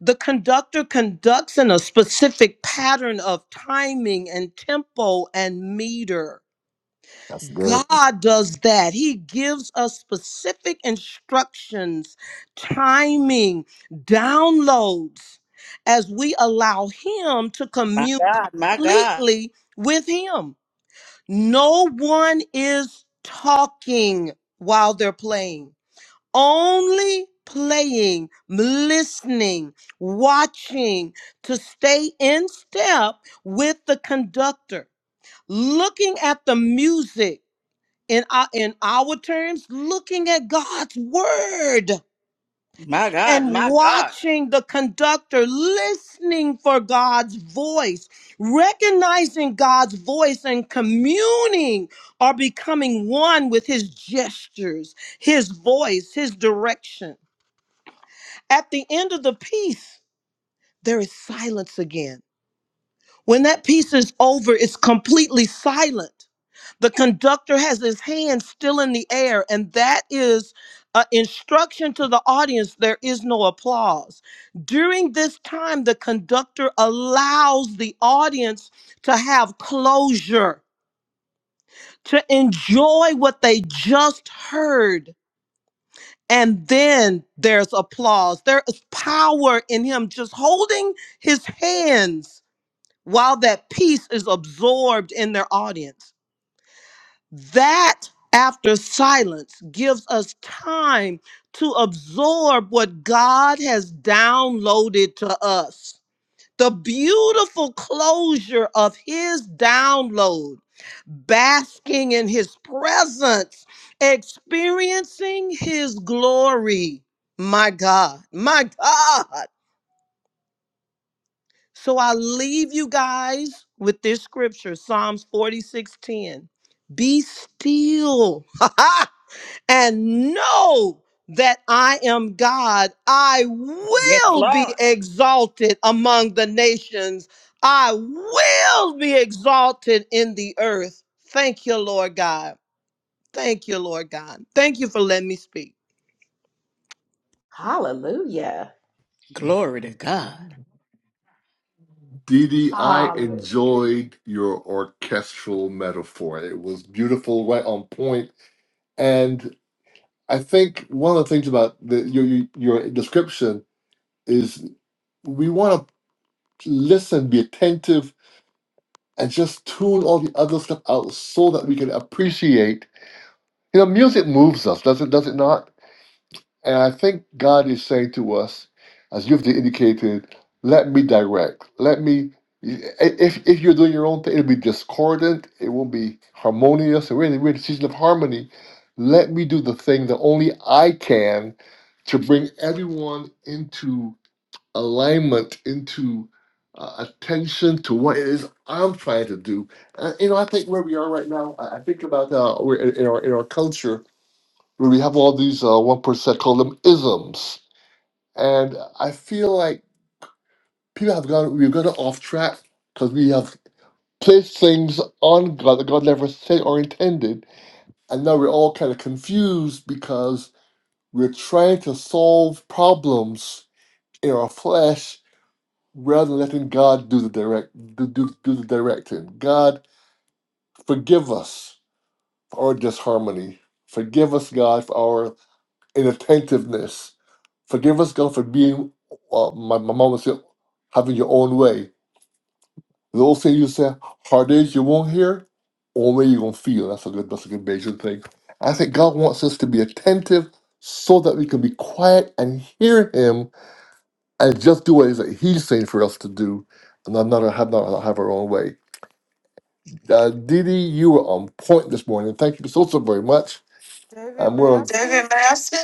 G: The conductor conducts in a specific pattern of timing and tempo and meter
A: That's good.
G: God does that. He gives us specific instructions, timing, downloads as we allow Him to
F: My
G: commune
F: God, my God.
G: completely with Him. No one is talking while they're playing, only playing, listening, watching to stay in step with the conductor, looking at the music in our, in our terms, looking at God's word
F: My God,
G: and
F: my God.
G: watching the conductor, listening for God's voice, recognizing God's voice and communing or becoming one with his gestures, his voice, his direction. At the end of the piece, there is silence again. When that piece is over, it's completely silent The conductor has his hand still in the air, and that is an instruction to the audience. There is no applause. During this time, the conductor allows the audience to have closure, to enjoy what they just heard. And then there's applause. There is power in him just holding his hands while that piece is absorbed in their audience. That after silence gives us time to absorb what God has downloaded to us. The beautiful closure of his download, basking in his presence, experiencing his glory. My God, my God. So I leave you guys with this scripture, Psalms 46:10. Be still and know that I am God. I
F: Yes,
G: will be
F: Lord.
G: exalted among the nations. I will be exalted in the earth. Thank you, Lord God. Thank you, Lord God. Thank you for letting me speak.
D: Hallelujah.
F: Glory to God.
A: Dee Dee, I
H: Hallelujah.
A: enjoyed your orchestral metaphor. It was beautiful, right on point. And I think one of the things about the, your, your your description is we want to. listen, be attentive, and just tune all the other stuff out so that we can appreciate. You know, music moves us, does it? Does it not? And I think God is saying to us, as you've indicated, let me direct. Let me. If if you're doing your own thing, it'll be discordant. It won't be harmonious. And we're in, we're in a season of harmony. Let me do the thing that only I can to bring everyone into alignment into uh, attention to what it is I'm trying to do. Uh, you know, I think where we are right now, I, I think about uh, we're in, in our in our culture where we have all these uh, one percent call them isms, and I feel like people have gone we've gone off track because we have placed things on God that God never said or intended, and now we're all kind of confused because we're trying to solve problems in our flesh rather than letting God do the direct do, do, do the directing. God, forgive us for our disharmony. Forgive us, God, for our inattentiveness. Forgive us, God, for being uh, my, my mom would say, having your own way. Those things you said, hard days you won't hear, only way you're gonna feel. That's a good that's a good Bayesian thing. I think God wants us to be attentive so that we can be quiet and hear him and just do what it is that he's saying for us to do and not, not have not have our own way. Uh, Dee you were on point this morning. Thank you so, so very much.
C: David,
A: I'm
C: may
A: going to, David Master?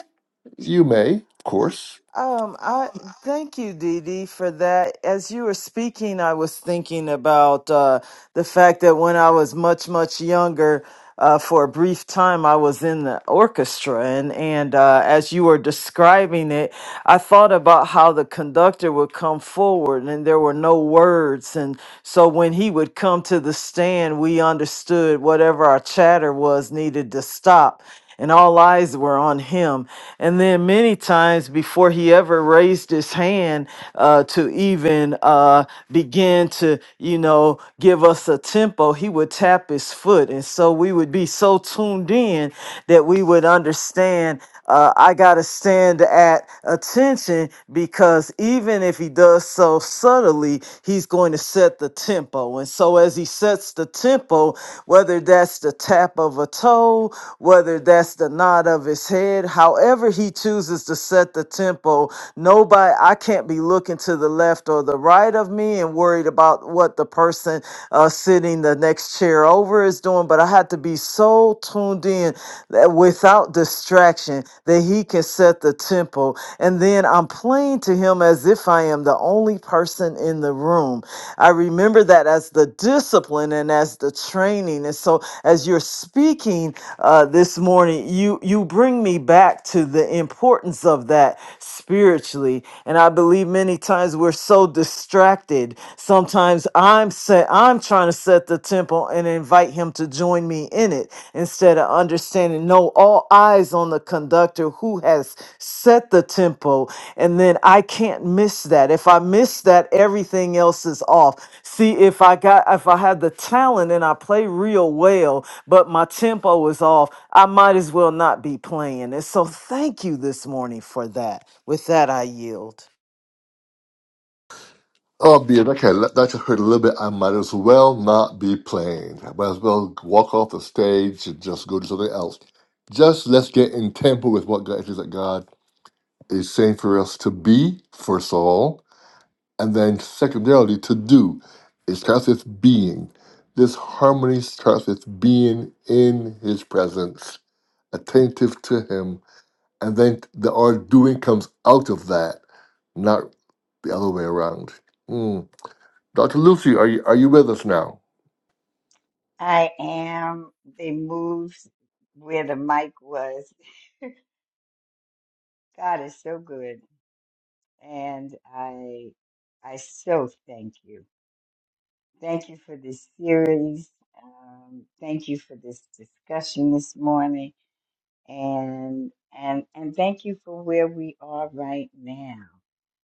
A: you may, of course.
C: Um, I
A: Um,
C: thank you, Dee Dee, for that. As you were speaking, I was thinking about uh, the fact that when I was much, much younger, uh, for a brief time, I was in the orchestra, and and uh, as you were describing it, I thought about how the conductor would come forward, and there were no words, and so when he would come to the stand, we understood whatever our chatter was needed to stop and all eyes were on him. And then many times before he ever raised his hand uh, to even uh, begin to, you know, give us a tempo, he would tap his foot. And so we would be so tuned in that we would understand. Uh, I got to stand at attention because even if he does so subtly, he's going to set set the tempo. And so, as he sets the tempo, whether that's the tap of a toe, whether that's the nod of his head, however he chooses to set the tempo, nobody, I can't be looking to the left or the right of me and worried about what the person uh, sitting the next chair over is doing. But I have to be so tuned in that without distraction that he can set reset the tempo. And then I'm playing to him as if I am the only person in the room. I remember that as the discipline and as the training. And so as you're speaking uh, this morning, you, you bring me back to the importance of that spiritually. And I believe many times we're so distracted. Sometimes I'm set, I'm trying to set the tempo channel and invite him to join me in it instead of understanding no all eyes on the conductor who has set the tempo and then I can't miss that. If I miss that, everything else is off. See, if I got if I had the talent and I play real well, but my tempo is off, I might as well not be playing. And so thank you this morning for that. With that I yield.
A: Oh, be Okay, that that just hurt a little bit. I might as well not be playing. I might as well walk off the stage and just go do something else. Just let's get in tempo with what God is that God is saying for us to be, first of all, and then secondarily to do. It starts with being. This harmony starts with being in His presence attentive to him, and then the our doing comes out of that, not the other way around. Mm. Dr. Lucy, are you are you with us now?
H: I am. They moved where the mic was. God is so good. And I I so thank you. Thank you for this series. Um, thank you for this discussion this morning. And and and thank you for where we are right now.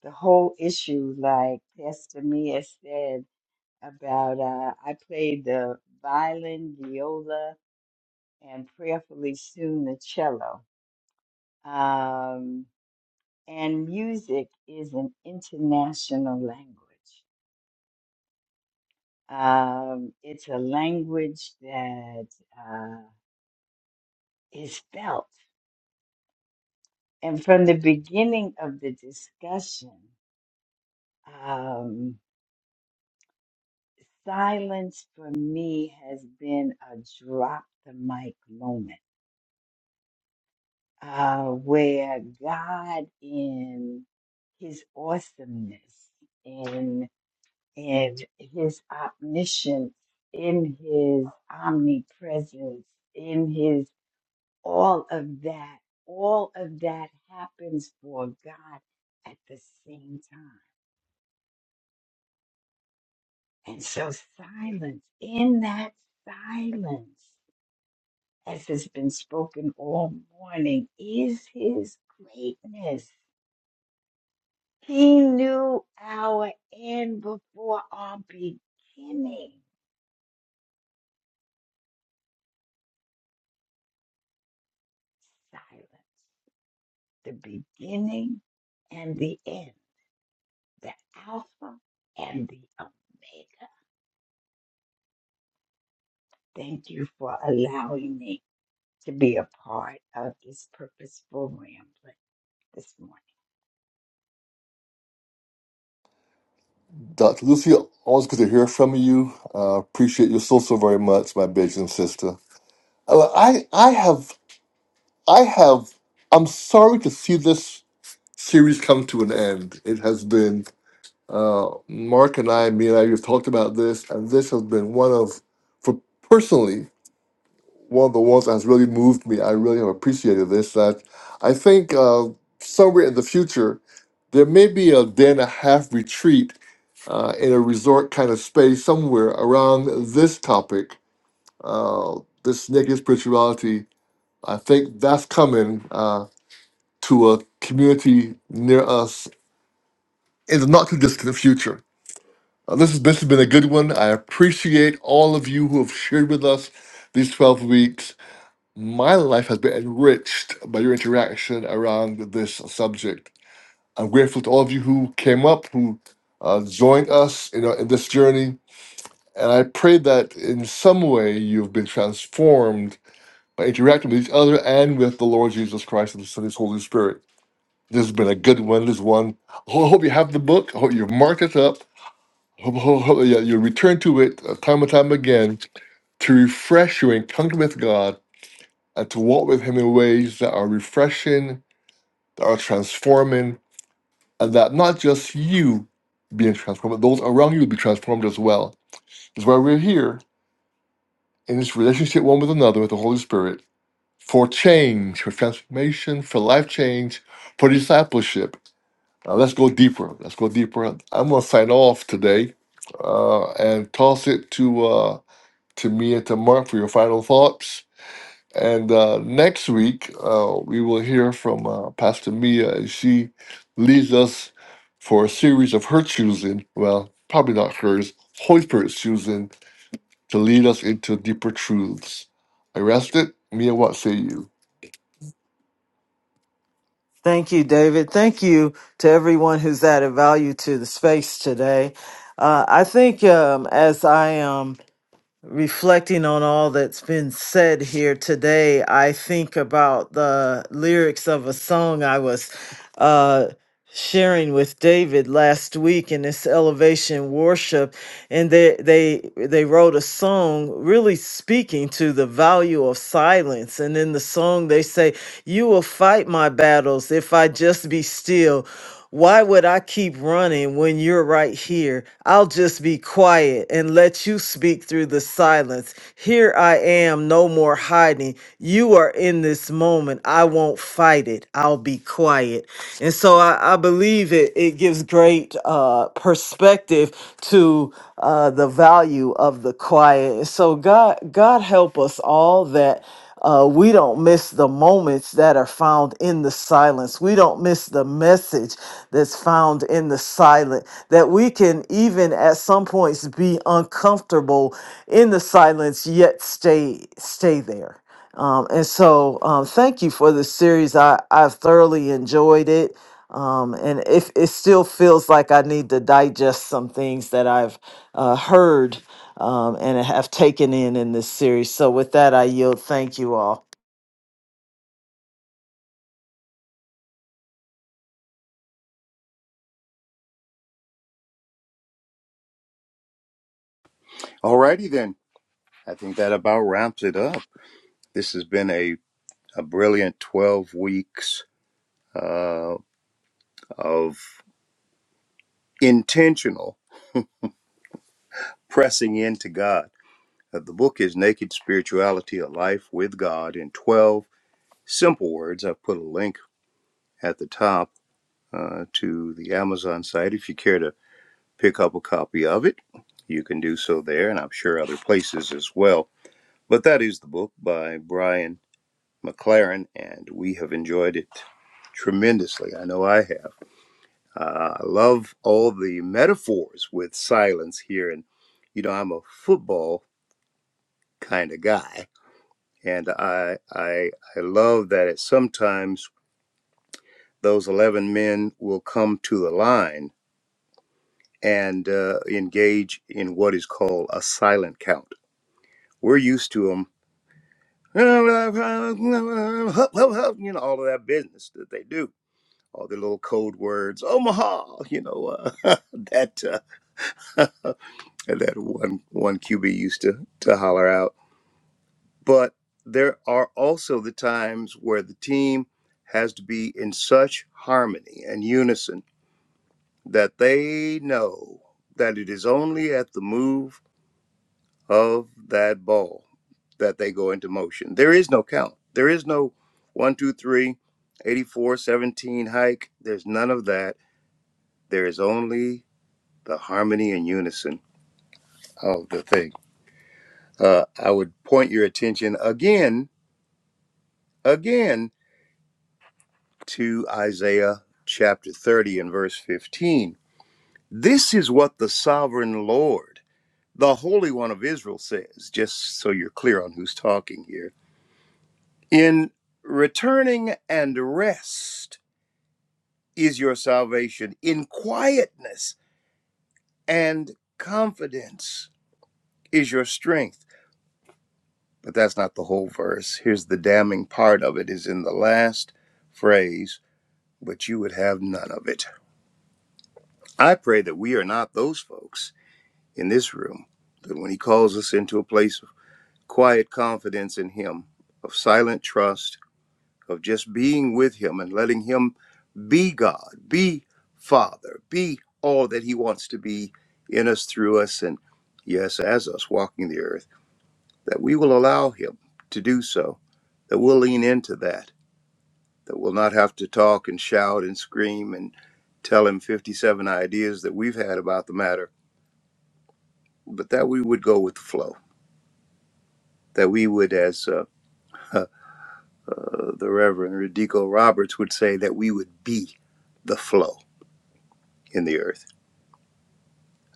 H: The whole issue, like Pastor Mia said about uh, I played the violin, viola, and prayerfully soon the cello. Um, and music is an international language. Um, it's a language that uh, is felt. And from the beginning of the discussion, um, silence for me has been a drop the mic moment uh, where God, in his awesomeness, and his omniscience, in his omnipresence, in his all of that, all of that happens for God at the same time. And so, silence, in that silence, as has been spoken all morning, is his greatness. He knew our end before our beginning. Silence. the beginning and the end, the Alpha and the Omega. Thank you for allowing me to be a part of this purposeful rambling this morning.
A: Dr. Lucy, always good to hear from you. Uh, appreciate you so so very much, my Beijing sister. Uh, I I have I have I'm sorry to see this series come to an end. It has been uh, Mark and I, me and I, have talked about this, and this has been one of for personally one of the ones that's really moved me. I really have appreciated this. That I think uh, somewhere in the future, there may be a day and a half retreat uh, in a resort kind of space somewhere around this topic, uh, this naked spirituality. I think that's coming uh, to a community near us in the not too distant future. Uh, this, has, this has been a good one. I appreciate all of you who have shared with us these 12 weeks. My life has been enriched by your interaction around this subject. I'm grateful to all of you who came up, who uh, joined us you know, in this journey. And I pray that in some way you've been transformed by interacting with each other and with the Lord Jesus Christ and the Son, His Holy Spirit. This has been a good one. This one. I ho- hope you have the book. I hope you've marked it up. I Hope, hope, hope yeah, you return to it uh, time and time again to refresh your encounter with God and to walk with Him in ways that are refreshing, that are transforming, and that not just you being transformed, but those around you will be transformed as well. That's why we're here in this relationship one with another with the Holy Spirit for change, for transformation, for life change, for discipleship. Now, let's go deeper. Let's go deeper. I'm going to sign off today uh, and toss it to uh, to me and to Mark for your final thoughts And uh, next week, uh, we will hear from uh, Pastor Mia as she leads us for a series of her choosing. Well, probably not hers, Holy Spirit's choosing to lead us into deeper truths. I rest it. Mia, what say you?
C: Thank you, David. Thank you to everyone who's added value to the space today. Uh, I think um, as I am reflecting on all that's been said here today, I think about the lyrics of a song I was uh, sharing with David last week in this elevation worship, and they they they wrote a song really speaking to the value of silence. And in the song, they say, "You will fight my battles if I just be still." Why would I keep running when you're right here? I'll just be quiet and let you speak through the silence. Here I am, no more hiding. You are in this moment. I won't fight it. I'll be quiet. And so I, I believe it, it gives great uh, perspective to uh, the value of the quiet. And so God, God help us all that uh, we don't miss the moments that are found in the silence. We don't miss the message that's found in the silent. That we can even at some points be uncomfortable in the silence, yet stay stay there. Um, and so, um, thank you for the series. I I've thoroughly enjoyed it. Um, and if it still feels like I need to digest some things that I've uh, heard um, and have taken in in this series. So, with that, I yield. Thank you all.
B: Alrighty then. I think that about wraps it up. This has been a, a brilliant 12 weeks uh, of intentional pressing into God. Uh, the book is Naked Spirituality A Life with God in 12 Simple Words. I've put a link at the top uh, to the Amazon site if you care to pick up a copy of it. You can do so there, and I'm sure other places as well. But that is the book by Brian McLaren, and we have enjoyed it tremendously. I know I have. Uh, I love all the metaphors with silence here, and you know I'm a football kind of guy, and I I I love that it sometimes those eleven men will come to the line and uh, engage in what is called a silent count. We're used to them, you know, all of that business that they do, all the little code words, Omaha, you know, uh, that. uh, that one one QB used to to holler out. But there are also the times where the team has to be in such harmony and unison that they know that it is only at the move of that ball that they go into motion. There is no count. There is no one, two, three, eighty-four, seventeen hike. There's none of that. There is only the harmony and unison of the thing uh, I would point your attention again again to Isaiah chapter 30 and verse 15. This is what the sovereign Lord, the Holy One of Israel, says, just so you're clear on who's talking here. In returning and rest is your salvation, in quietness and confidence is your strength. But that's not the whole verse. Here's the damning part of it is in the last phrase, but you would have none of it. I pray that we are not those folks in this room, that when He calls us into a place of quiet confidence in Him, of silent trust, of just being with Him and letting Him be God, be Father, be all that He wants to be in us, through us, and yes, as us walking the earth, that we will allow Him to do so, that we'll lean into that, that we'll not have to talk and shout and scream and tell Him 57 ideas that we've had about the matter but that we would go with the flow. That we would, as uh, uh, the Reverend Radico Roberts would say, that we would be the flow in the earth.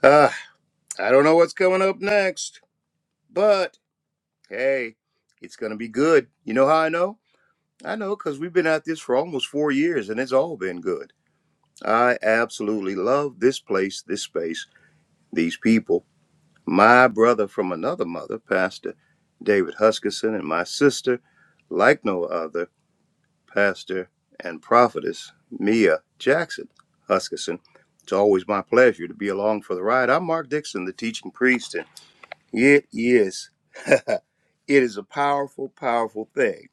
B: Ah, I don't know what's coming up next, but hey, it's going to be good. You know how I know? I know because we've been at this for almost four years and it's all been good. I absolutely love this place, this space, these people. My brother from another mother, Pastor David Huskisson, and my sister, like no other. pastor, and prophetess Mia Jackson Huskisson. It's always my pleasure to be along for the ride. I'm Mark Dixon, the teaching priest, and it is it is a powerful, powerful thing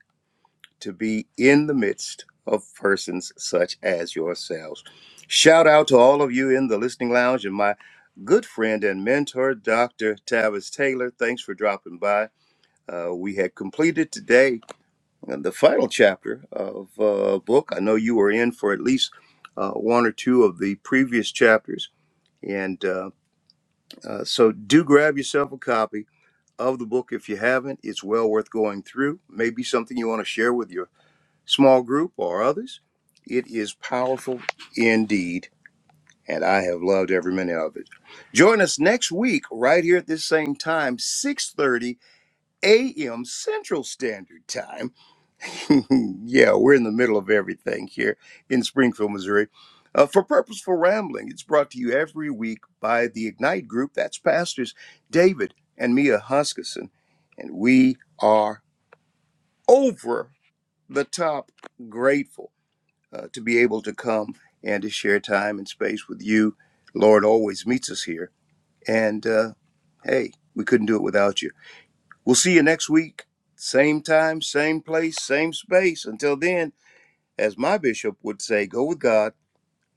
B: to be in the midst of persons such as yourselves. Shout out to all of you in the listening lounge and my good friend and mentor, Dr. Tavis Taylor. Thanks for dropping by. Uh, we had completed today uh, the final chapter of a uh, book. I know you were in for at least uh, one or two of the previous chapters, and uh, uh, so do grab yourself a copy of the book if you haven't. It's well worth going through. Maybe something you want to share with your small group or others. It is powerful indeed, and I have loved every minute of it. Join us next week right here at this same time, 6:30 a.m. Central Standard Time yeah, we're in the middle of everything here in Springfield, Missouri. Uh, for Purposeful Rambling, it's brought to you every week by the Ignite Group. That's pastors David and Mia Huskisson. And we are over the top grateful uh, to be able to come and to share time and space with you. Lord always meets us here. And uh, hey, we couldn't do it without you. We'll see you next week. Same time, same place, same space. Until then, as my bishop would say, go with God,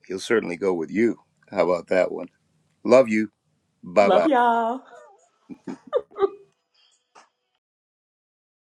B: he'll certainly go with you. How about that one? Love you. Bye bye.
D: Love y'all.